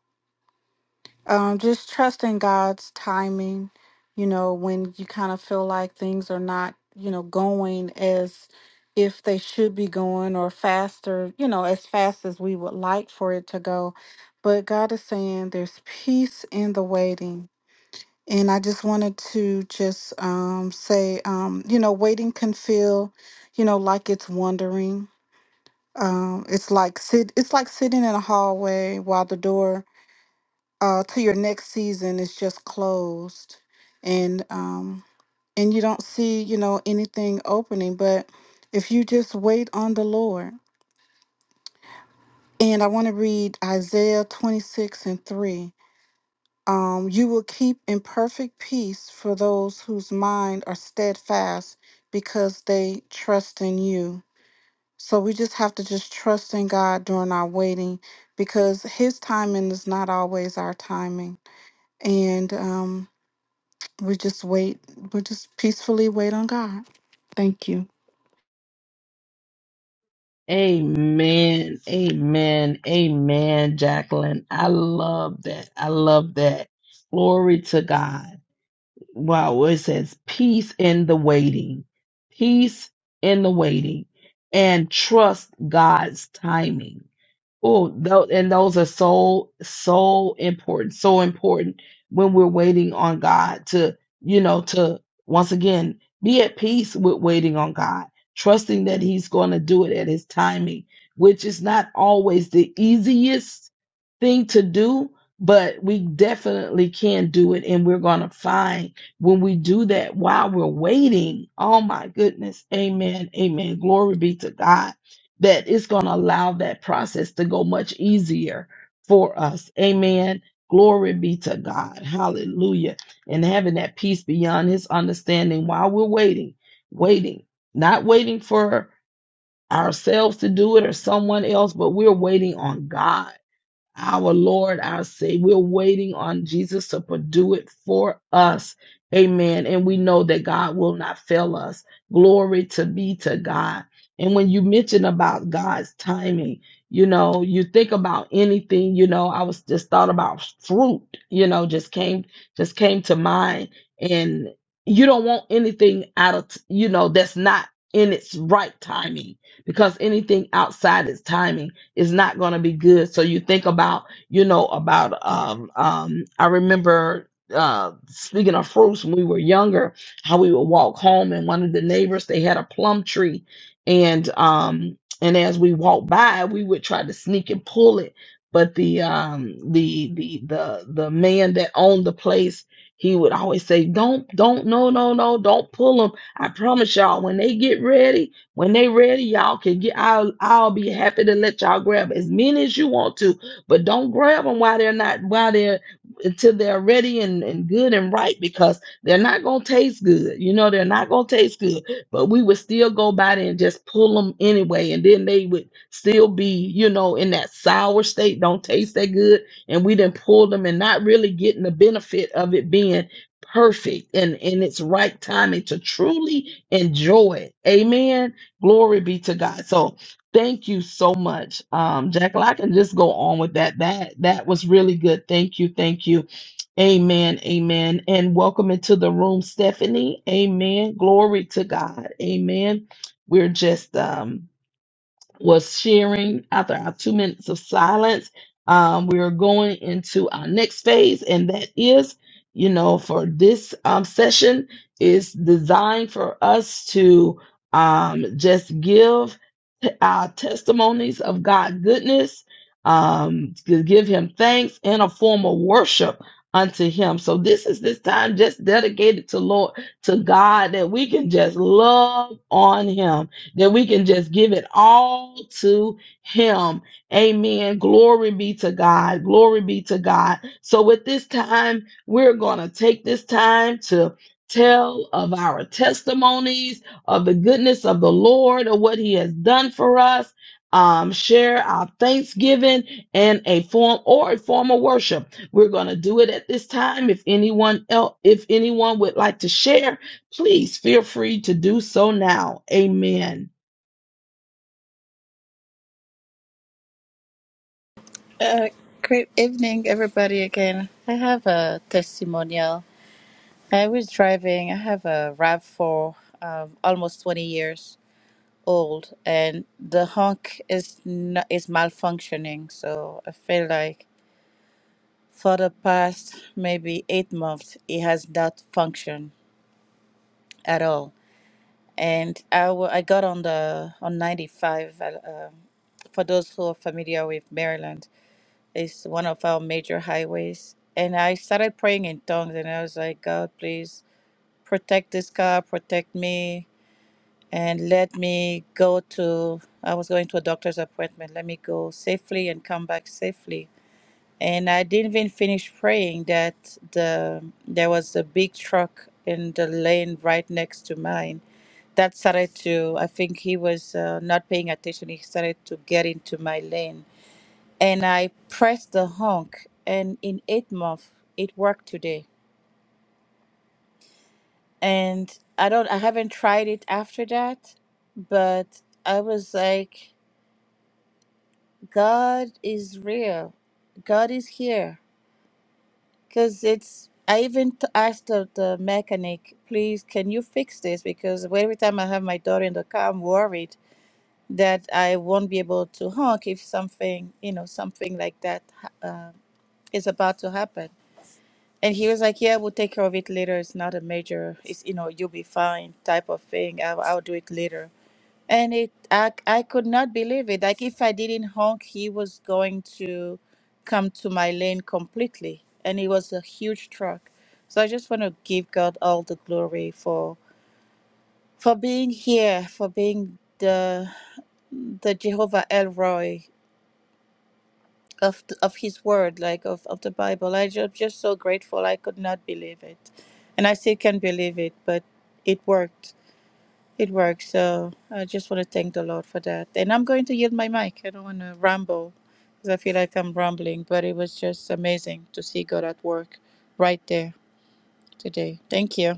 [SPEAKER 4] Um just trusting God's timing, you know, when you kind of feel like things are not, you know, going as if they should be going or faster, you know, as fast as we would like for it to go. But God is saying there's peace in the waiting And I just wanted to just um, say, um, you know, waiting can feel, you know, like it's wandering. Um, it's like sit, it's like sitting in a hallway while the door uh, to your next season is just closed, and um, and you don't see, you know, anything opening. But if you just wait on the Lord, and I want to read Isaiah twenty six and three. Um, you will keep in perfect peace for those whose mind are steadfast because they trust in you. So we just have to just trust in God during our waiting because His timing is not always our timing. And um, we just wait, we just peacefully wait on God. Thank you.
[SPEAKER 1] Amen. Amen. Amen, Jacqueline. I love that. I love that. Glory to God. Wow. It says peace in the waiting, peace in the waiting, and trust God's timing. Oh, tho- and those are so so important, so important when we're waiting on God to, you know, to once again be at peace with waiting on God, trusting that He's going to do it at His timing, which is not always the easiest thing to do, but we definitely can do it, and we're going to find when we do that while we're waiting. Oh my goodness, Amen, Amen. Glory be to God that it's going to allow that process to go much easier for us. Amen. Glory be to God. Hallelujah. And having that peace beyond his understanding while we're waiting, waiting, not waiting for ourselves to do it or someone else, but we're waiting on God our Lord, our Savior. We're waiting on Jesus to do it for us. Amen. And we know that God will not fail us. Glory to be to God. And when you mention about God's timing, you know, you think about anything, you know, I was just thought about fruit, you know, just came just came to mind and you don't want anything out of, you know, that's not in its right timing because anything outside its timing is not going to be good. So you think about, you know, about um um I remember uh speaking of fruits when we were younger, how we would walk home and one of the neighbors they had a plum tree and um and as we walked by, we would try to sneak and pull it. But the um the the the the man that owned the place, he would always say, Don't don't no no no don't pull them. I promise y'all when they get ready when they ready, y'all can get. I'll I'll be happy to let y'all grab as many as you want to, but don't grab them while they're not while they're until they're ready and, and good and right because they're not gonna taste good. You know they're not gonna taste good, but we would still go by there and just pull them anyway, and then they would still be you know in that sour state, don't taste that good, and we didn't pull them and not really getting the benefit of it being perfect and in its right timing to truly enjoy it. Amen Glory be to God. So thank you so much, um, Jackal. I can just go on with that. That that was really good. Thank you, thank you. Amen. Amen. And welcome into the room, Stephanie. Amen. Glory to God. Amen. We're just um was sharing after our two minutes of silence. Um, we are going into our next phase, and that is, you know, for this um, session is designed for us to um, just give t- our testimonies of God goodness, um, to give Him thanks in a form of worship unto Him. So this is this time just dedicated to Lord to God that we can just love on Him that we can just give it all to him. Amen. Glory be to God. Glory be to God. So with this time, we're going to take this time to tell of our testimonies of the goodness of the Lord of what he has done for us. Um, share our thanksgiving and a form or a form of worship. We're going to do it at this time. If anyone else, if anyone would like to share, please feel free to do so now. Amen.
[SPEAKER 3] Uh, great evening, everybody, again. I have a testimonial. I was driving, I have a RAV4, um, almost 20 years old, and the honk is, not, is malfunctioning. So I feel like For the past maybe eight months, it has not functioned at all. And I w- I got on the on 95. Uh, um, for those who are familiar with Maryland, it's one of our major highways. And I started praying in tongues, and I was like, God, please protect this car, protect me, and let me go to. I was going to a doctor's appointment. Let me go safely and come back safely and I didn't even finish praying that the there was a big truck in the lane right next to mine that started to I think he was uh, not paying attention he started to get into my lane and I pressed the honk and in 8 months it worked today and I don't I haven't tried it after that but I was like God is real God is here because it's i even t- asked the, the mechanic please can you fix this because every time i have my daughter in the car i'm worried that i won't be able to honk if something you know something like that ha- uh, is about to happen and he was like yeah we'll take care of it later it's not a major it's you know you'll be fine type of thing i'll, I'll do it later and it, I, I could not believe it. Like if I didn't honk, he was going to come to my lane completely, and it was a huge truck. So I just want to give God all the glory for for being here, for being the the Jehovah Elroy of th- of His Word, like of, of the Bible. I just just so grateful. I could not believe it, and I still can't believe it, but it worked. It works. So I just want to thank the Lord for that. And I'm going to yield my mic. I don't want to ramble because I feel like I'm rambling, but it was just amazing to see God at work right there today. Thank you.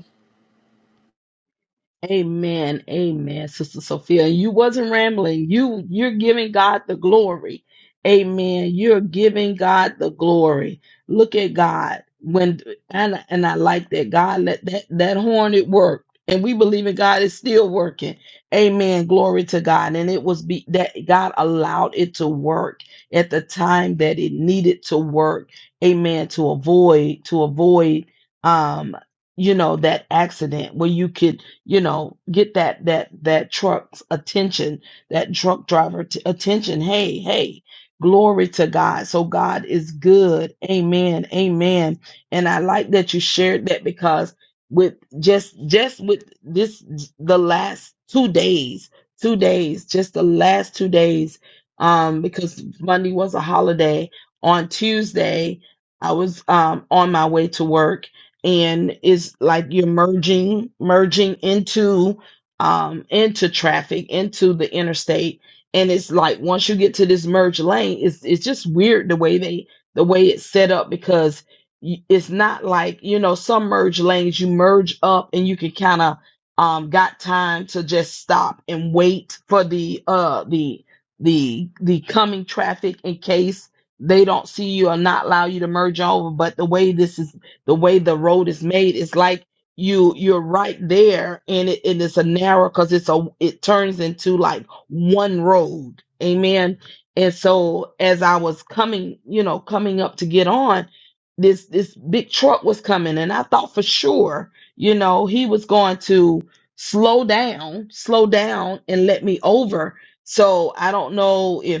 [SPEAKER 1] Amen. Amen, Sister Sophia. You wasn't rambling. You you're giving God the glory. Amen. You're giving God the glory. Look at God. When and and I like that God let that that horn it worked. And we believe in God is still working. Amen. Glory to God. And it was be that God allowed it to work at the time that it needed to work. Amen. To avoid, to avoid um, you know, that accident where you could you know get that that that truck's attention that truck driver t- attention hey hey glory to god so god is good amen amen and i like that you shared that because with just just with this the last two days two days just the last two days um because monday was a holiday on tuesday i was um on my way to work and it's like you're merging merging into um into traffic into the interstate and it's like once you get to this merge lane it's it's just weird the way they the way it's set up because y- it's not like you know some merge lanes you merge up and you can kind of um got time to just stop and wait for the uh the the the coming traffic in case they don't see you or not allow you to merge over but the way this is the way the road is made it's like you you're right there and it and it's a narrow because it's a it turns into like one road amen and so as i was coming you know coming up to get on this this big truck was coming and i thought for sure you know he was going to slow down slow down and let me over so i don't know if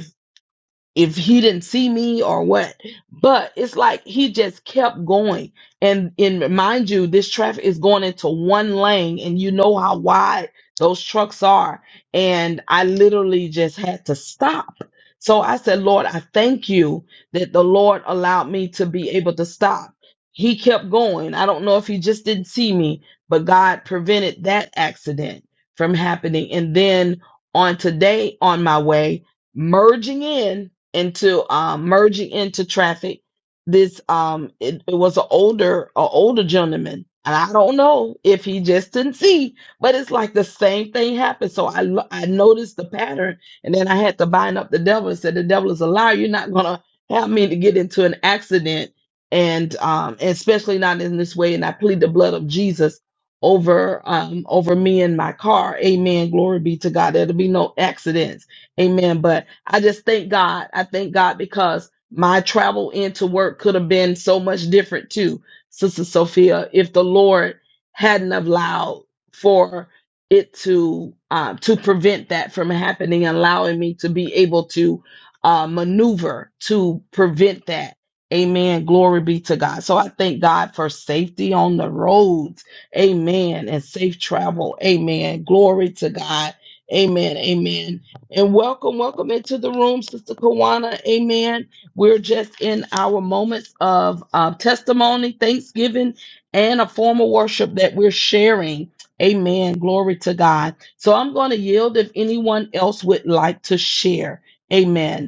[SPEAKER 1] if he didn't see me or what. But it's like he just kept going. And and mind you, this traffic is going into one lane and you know how wide those trucks are. And I literally just had to stop. So I said, Lord, I thank you that the Lord allowed me to be able to stop. He kept going. I don't know if he just didn't see me, but God prevented that accident from happening. And then on today, on my way, merging in into um, merging into traffic. This um, it, it was an older, an older gentleman, and I don't know if he just didn't see, but it's like the same thing happened. So I lo- I noticed the pattern, and then I had to bind up the devil and said, "The devil is a liar. You're not gonna help me to get into an accident, and um, and especially not in this way." And I plead the blood of Jesus over um over me and my car. Amen. Glory be to God. There'll be no accidents. Amen. But I just thank God. I thank God because my travel into work could have been so much different too, Sister Sophia, if the Lord hadn't allowed for it to uh, to prevent that from happening, allowing me to be able to uh, maneuver to prevent that. Amen. Glory be to God. So I thank God for safety on the roads. Amen. And safe travel. Amen. Glory to God. Amen. Amen. And welcome, welcome into the room, Sister Kawana. Amen. We're just in our moments of uh, testimony, thanksgiving, and a form of worship that we're sharing. Amen. Glory to God. So I'm going to yield if anyone else would like to share. Amen.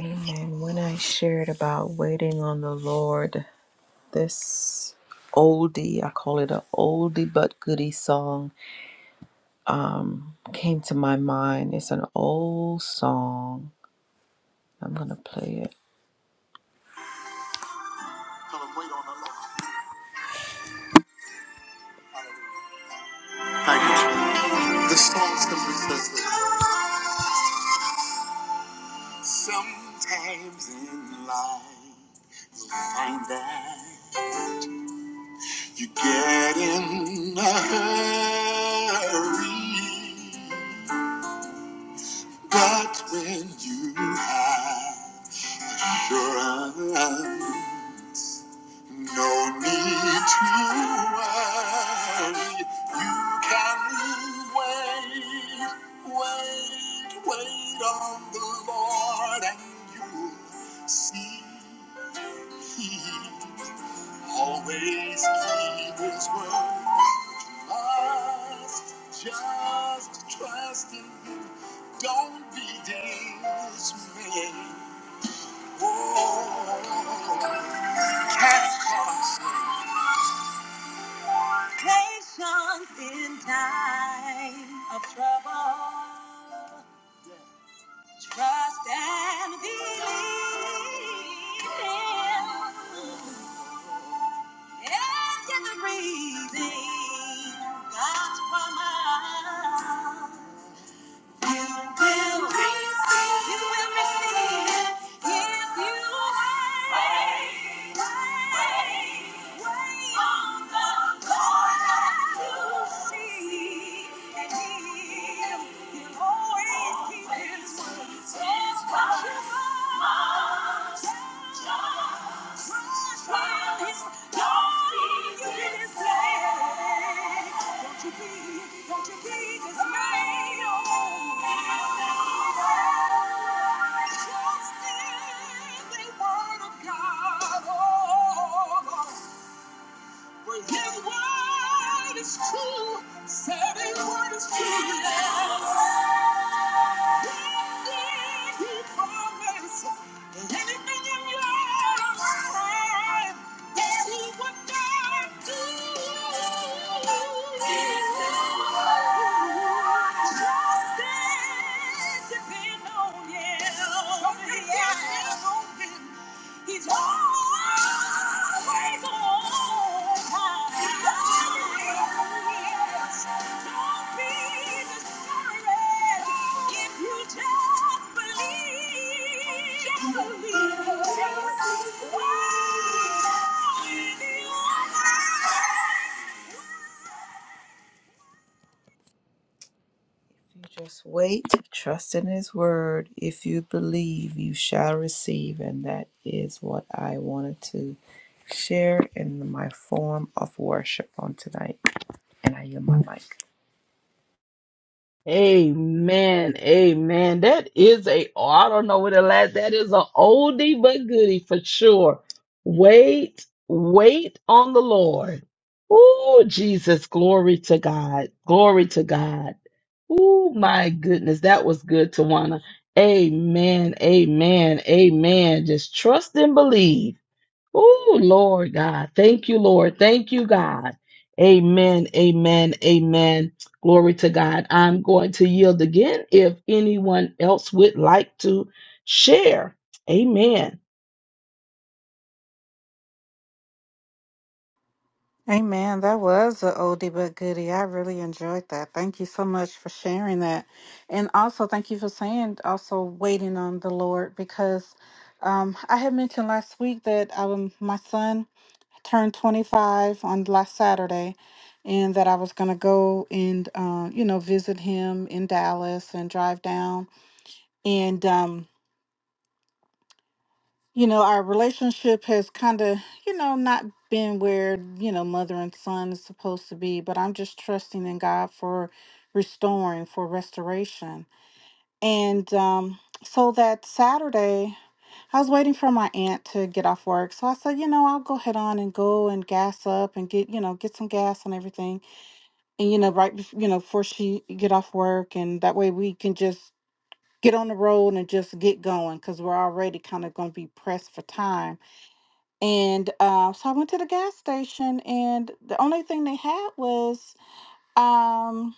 [SPEAKER 2] Amen. When I shared about waiting on the Lord, this oldie, I call it a oldie but goodie song, um, came to my mind. It's an old song. I'm going to play it. Thank you. The song simply says this. Sometimes in life, you'll find that you get in a hurry. But when you have assurance, no need to worry, you can wait, wait, wait on the Lord and you'll see He always keep His word. Just, just trust in Him, don't be dismayed. Cast costs. Patience in time of trouble. Trust and believe. And in the reading, God's promise. Always keep his word. Stand by just in the word of God, oh, oh, oh. For His word is true. Said His word is true. Yeah. Indeed, He promised that anything in your life that He would not do. Just stand, depend on Him. Don't be discouraged if you just believe. believe. Just believe. You just wait, trust in His Word. If you believe, you shall receive. And that is what I wanted to share in my form of worship on tonight. And I yield my mic.
[SPEAKER 1] Amen. Amen. That is a, oh, I don't know what it last, that is a oldie but goodie for sure. Wait, wait on the Lord. Oh, Jesus, glory to God. Glory to God. Oh, my goodness. That was good, Tawana. Amen. Amen. Amen. Just trust and believe. Oh, Lord God. Thank you, Lord. Thank you, God. Amen. Amen. Amen. Glory to God. I'm going to yield again if anyone else would like to share. Amen.
[SPEAKER 4] Amen. That was a oldie but goodie. I really enjoyed that. Thank you so much for sharing that. And also, thank you for saying also waiting on the Lord because um, I had mentioned last week that um, my son turned 25 on last Saturday and that I was going to go and, uh, you know, visit him in Dallas and drive down. And, um, you know, our relationship has kind of, you know, not been where, you know, mother and son is supposed to be, but I'm just trusting in God for restoring, for restoration. And um, so that Saturday, I was waiting for my aunt to get off work. So I said, you know, I'll go head on and go and gas up and get, you know, get some gas and everything. And, you know, right, bef- you know, before she get off work. And that way we can just get on the road and just get going because we're already kind of going to be pressed for time and uh, so I went to the gas station, and the only thing they had was um,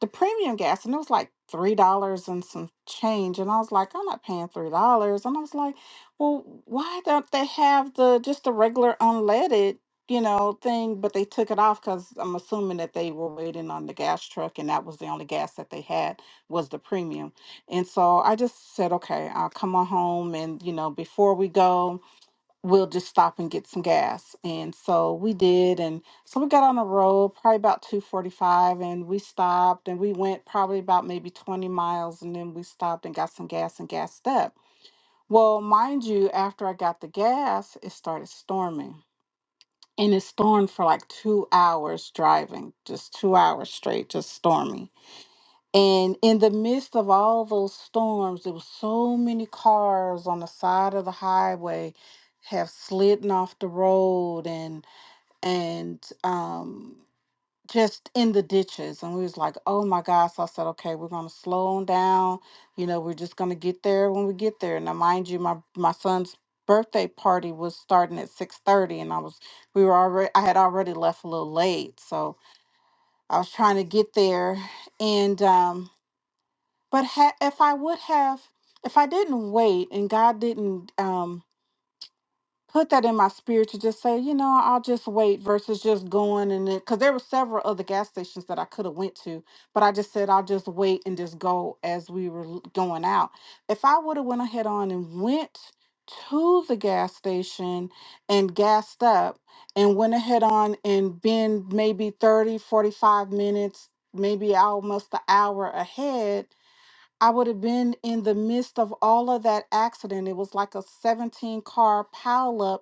[SPEAKER 4] the premium gas, and it was like three dollars and some change. And I was like, I'm not paying three dollars. And I was like, well, why don't they have the just the regular unleaded, you know, thing? But they took it off because I'm assuming that they were waiting on the gas truck, and that was the only gas that they had was the premium. And so I just said, okay, I'll come on home, and you know, before we go we'll just stop and get some gas. And so we did. And so we got on the road probably about 245 and we stopped and we went probably about maybe 20 miles and then we stopped and got some gas and gassed up. Well, mind you, after I got the gas, it started storming. And it stormed for like two hours driving, just two hours straight, just storming. And in the midst of all those storms, there were so many cars on the side of the highway have slidden off the road and and um just in the ditches. And we was like, oh my gosh. So I said, okay, we're gonna slow 'em down. You know, we're just gonna get there when we get there. Now mind you, my my son's birthday party was starting at 6:30 and I was we were already I had already left a little late. So I was trying to get there and um but ha- if I would have, if I didn't wait and God didn't um, put that in my spirit to just say, you know, I'll just wait versus just going and it, because there were several other gas stations that I could have went to, but I just said I'll just wait and just go as we were l- going out. If I would have went ahead on and went to the gas station and gassed up and went ahead on and been maybe 30, 45 minutes maybe almost an hour ahead I would have been in the midst of all of that accident. It was like a 17 car pileup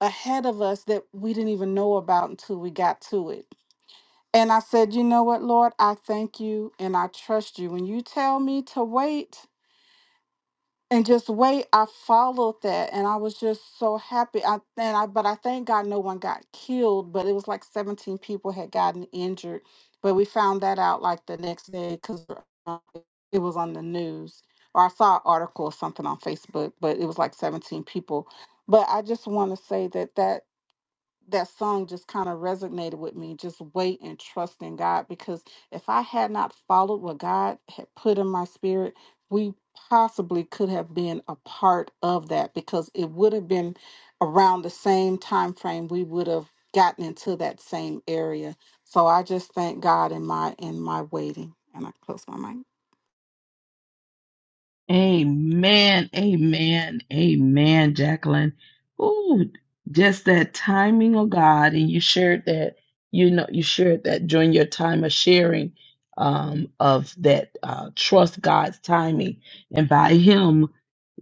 [SPEAKER 4] ahead of us that we didn't even know about until we got to it. And I said, You know what, Lord? I thank you and I trust you. When you tell me to wait, and just wait i followed that and i was just so happy i and i but i thank god no one got killed but it was like 17 people had gotten injured but we found that out like the next day because it was on the news or i saw an article or something on facebook but it was like 17 people but i just want to say that that that song just kind of resonated with me just wait and trust in god because if i had not followed what god had put in my spirit we possibly could have been a part of that because it would have been around the same time frame we would have gotten into that same area so i just thank god in my in my waiting and i close my mic
[SPEAKER 1] Amen, amen, amen, Jacqueline. Ooh, just that timing of God, and you shared that. You know, you shared that during your time of sharing um, of that uh, trust God's timing, and by Him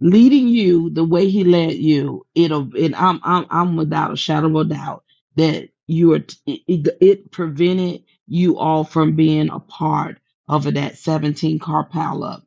[SPEAKER 1] leading you the way He led you, it'll. And I'm, I'm, I'm without a shadow of a doubt that you are. It, it it prevented you all from being a part of that 17 car pileup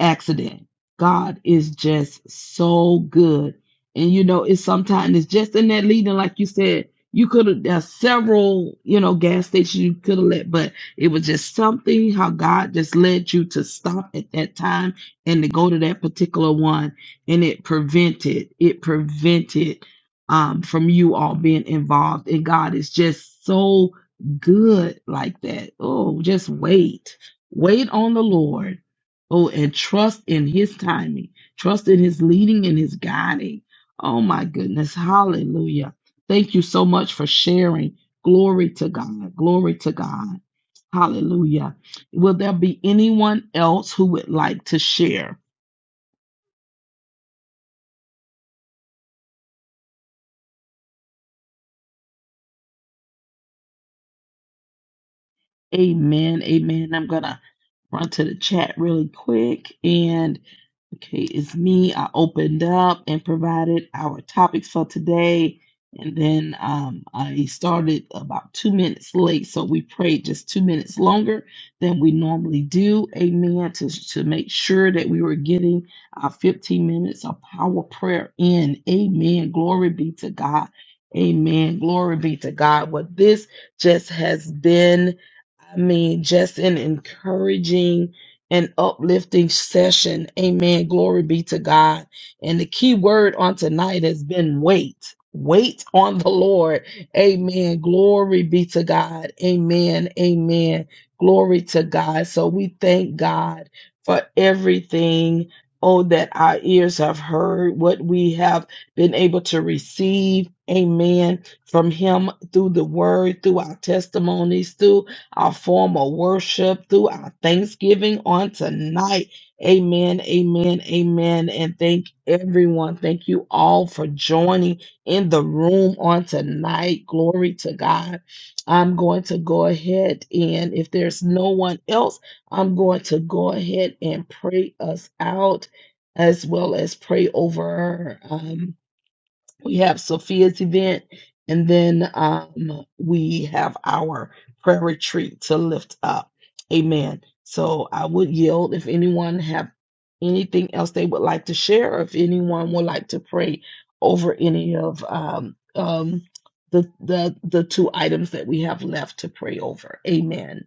[SPEAKER 1] accident. God is just so good. And you know, it's sometimes it's just in that leading, like you said, you could have there's several, you know, gas stations you could have let, but it was just something how God just led you to stop at that time and to go to that particular one. And it prevented, it prevented um from you all being involved. And God is just so good like that. Oh, just wait. Wait on the Lord Oh, and trust in his timing, trust in his leading and his guiding. Oh, my goodness. Hallelujah. Thank you so much for sharing. Glory to God. Glory to God. Hallelujah. Will there be anyone else who would like to share? Amen. Amen. I'm going to run to the chat really quick. and. Okay, it's me. I opened up and provided our topics for today. And then um, I started about two minutes late, so we prayed just two minutes longer than we normally do. Amen. To, to make sure that we were getting our 15 minutes of power prayer in. Amen. Glory be to God. Amen. Glory be to God. What this just has been. I mean, just an encouraging and uplifting session. Amen. Glory be to God. And the key word on tonight has been wait. Wait on the Lord. Amen. Glory be to God. Amen. Amen. Glory to God. So we thank God for everything. Oh, that our ears have heard, what we have been able to receive. Amen. From Him through the word, through our testimonies, through our form of worship, through our thanksgiving on tonight. Amen, amen, amen. And thank everyone. Thank you all for joining in the room on tonight. Glory to God. I'm going to go ahead and if there's no one else, I'm going to go ahead and pray us out as well as pray over her we have Sophia's event, and then um, we have our prayer retreat to lift up. Amen. So I would yield if anyone have anything else they would like to share, or if anyone would like to pray over any of um, um, the the the two items that we have left to pray over. Amen.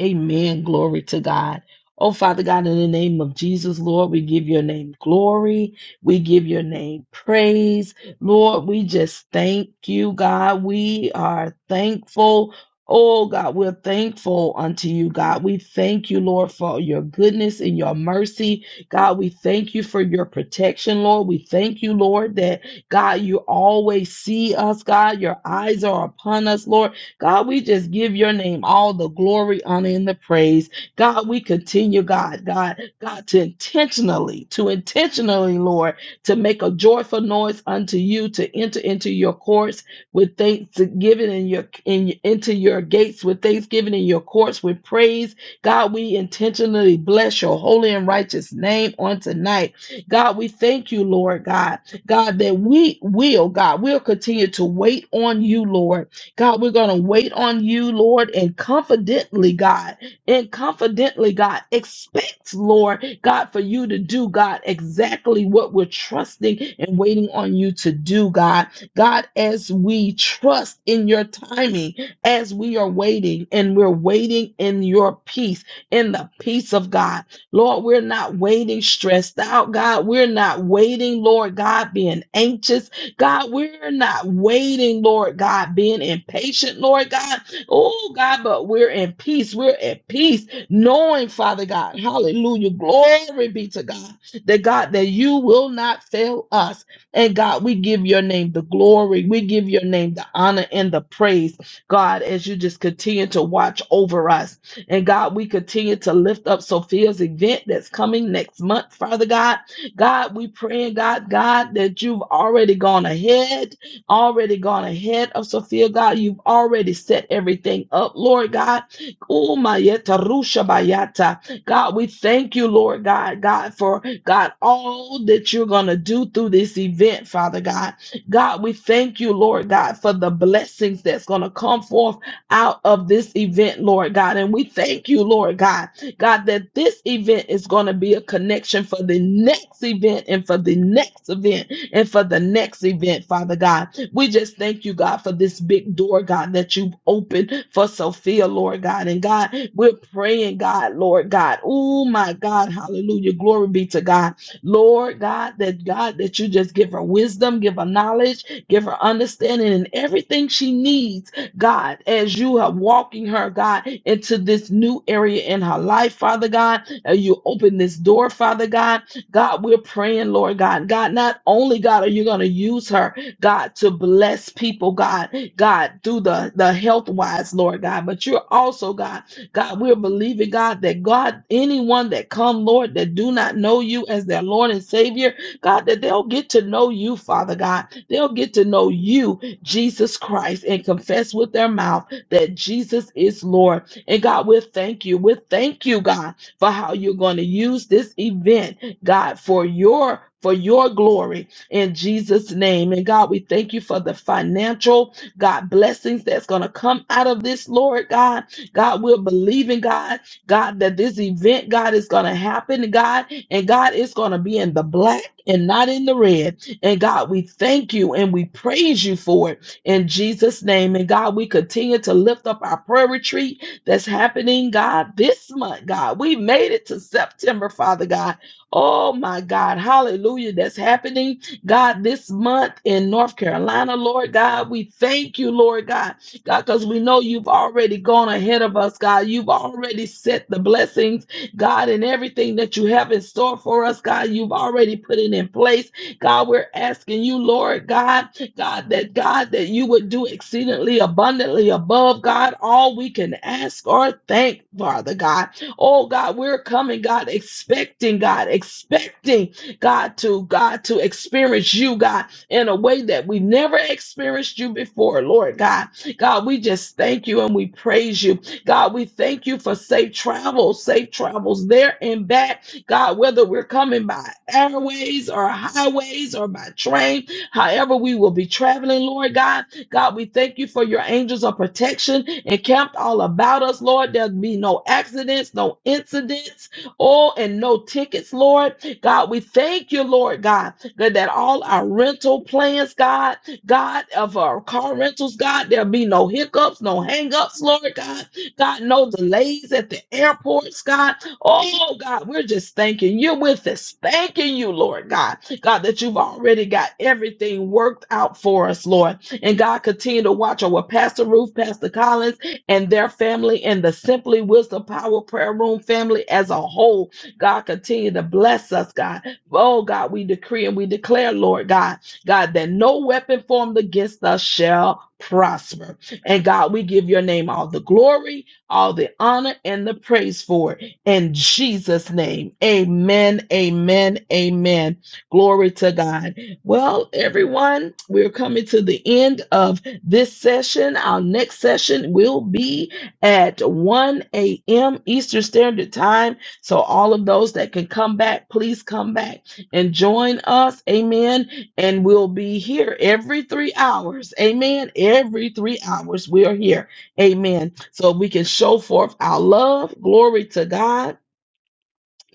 [SPEAKER 1] Amen. Glory to God. Oh, Father God, in the name of Jesus, Lord, we give your name glory. We give your name praise. Lord, we just thank you, God. We are thankful. Oh, God, we're thankful unto you, God. We thank you, Lord, for your goodness and your mercy. God, we thank you for your protection, Lord. We thank you, Lord, that, God, you always see us, God. Your eyes are upon us, Lord. God, we just give your name all the glory, honor, and the praise. God, we continue, God, God, God, to intentionally, to intentionally, Lord, to make a joyful noise unto you, to enter into your courts with thanksgiving and your in into your gates with thanksgiving in your courts with praise. God, we intentionally bless your holy and righteous name on tonight. God, we thank you, Lord God. God, that we will, God, we'll continue to wait on you, Lord. God, we're going to wait on you, Lord, and confidently, God, and confidently, God, expect, Lord, God, for you to do, God, exactly what we're trusting and waiting on you to do, God. God, as we trust in your timing, as we are waiting and we're waiting in your peace, in the peace of God. Lord, we're not waiting stressed out, God. We're not waiting, Lord God, being anxious. God, we're not waiting, Lord God, being impatient, Lord God. Oh, God, but we're in peace. We're at peace, knowing, Father God, hallelujah, glory be to God, that God, that you will not fail us. And God, we give your name the glory. We give your name the honor and the praise, God, as you just continue to watch over us. And God, we continue to lift up Sophia's event that's coming next month, Father God. God, we pray, God, God, that you've already gone ahead, already gone ahead of Sophia, God. You've already set everything up, Lord God. Oh, my yeta rusha bayata. God, we thank you, Lord God, God, for God, all that you're going to do through this event, Father God. God, we thank you, Lord God, for the blessings that's going to come forth out of this event, Lord God. And we thank you, Lord God. God, that this event is going to be a connection for the next event and for the next event and for the next event, Father God. We just thank you, God, for this big door, God, that you've opened for Sophia, Lord God. And God, we're praying, God, Lord God. Oh, my God. Hallelujah. Glory be to God. Lord God, that God, that you just give her wisdom, give her knowledge, give her understanding and everything she needs God, as you are walking her, God, into this new area in her life, Father God. And you open this door, Father God. God, we're praying, Lord God. God, not only, God, are you going to use her, God, to bless people, God, God, through the, the health wise, Lord God, but you're also, God, God, we're believing, God, that God, anyone that come, Lord, that do not know you as their Lord and Savior, God, that they'll get to know you, Father God. They'll get to know you Jesus Christ and confess with their mouth that Jesus is Lord. And God, we thank you. We thank you, God, for how you're going to use this event, God, for your for your glory in Jesus' name. And God, we thank you for the financial, God, blessings that's going to come out of this, Lord God. God, we're believing, God, God, that this event, God, is going to happen, God, and God, it's going to be in the black and not in the red. And God, we thank you and we praise you for it in Jesus' name. And God, we continue to lift up our prayer retreat that's happening, God, this month, God. We made it to September, Father God. Oh my God, hallelujah. That's happening, God, this month in North Carolina, Lord God. We thank you, Lord God, God, because we know you've already gone ahead of us, God. You've already set the blessings, God, and everything that you have in store for us, God. You've already put it in place. God, we're asking you, Lord God, God, that God, that you would do exceedingly abundantly above God, all we can ask or thank, Father God. Oh God, we're coming, God, expecting, God, expecting, God, to God to experience you, God, in a way that we never experienced you before, Lord God. God, we just thank you and we praise you. God, we thank you for safe travels, safe travels there and back. God, whether we're coming by airways or highways or by train, however we will be traveling, Lord God. God, we thank you for your angels of protection encamped all about us, Lord. There'll be no accidents, no incidents, oh, and no tickets, Lord. God, we thank you, Lord God, that that all our rental plans, God, God, of our car rentals, God, there'll be no hiccups, no hangups, Lord God. God, no delays at the airports, God. Oh God, we're just thanking you with us. Thanking you, Lord God. God, that you've already got everything worked out for us, Lord. And God, continue to watch over Pastor Ruth, Pastor Collins, and their family and the Simply Wisdom Power Prayer Room family as a whole. God, continue to bless us, God. Oh God, we decree and we declare, Lord God, God, that no weapon formed against us shall prosper. And God, we give your name all the glory, all the honor, and the praise for it in Jesus' name. Amen, amen, amen. Glory to God. Well, everyone, we're coming to the end of this session. Our next session will be at 1 a.m. Eastern Standard Time. So, all of those that can come back, please come back and join us. Amen. And we'll be here every three hours. Amen. Every three hours, we are here. Amen. So we can show forth our love. Glory to God.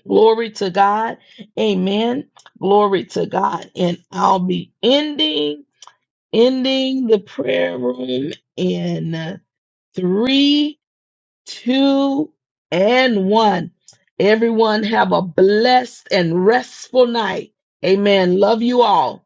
[SPEAKER 1] Glory to God. Amen. Glory to God. And I'll be ending, ending the prayer room in three, two, and one. Everyone have a blessed and restful night. Amen. Love you all.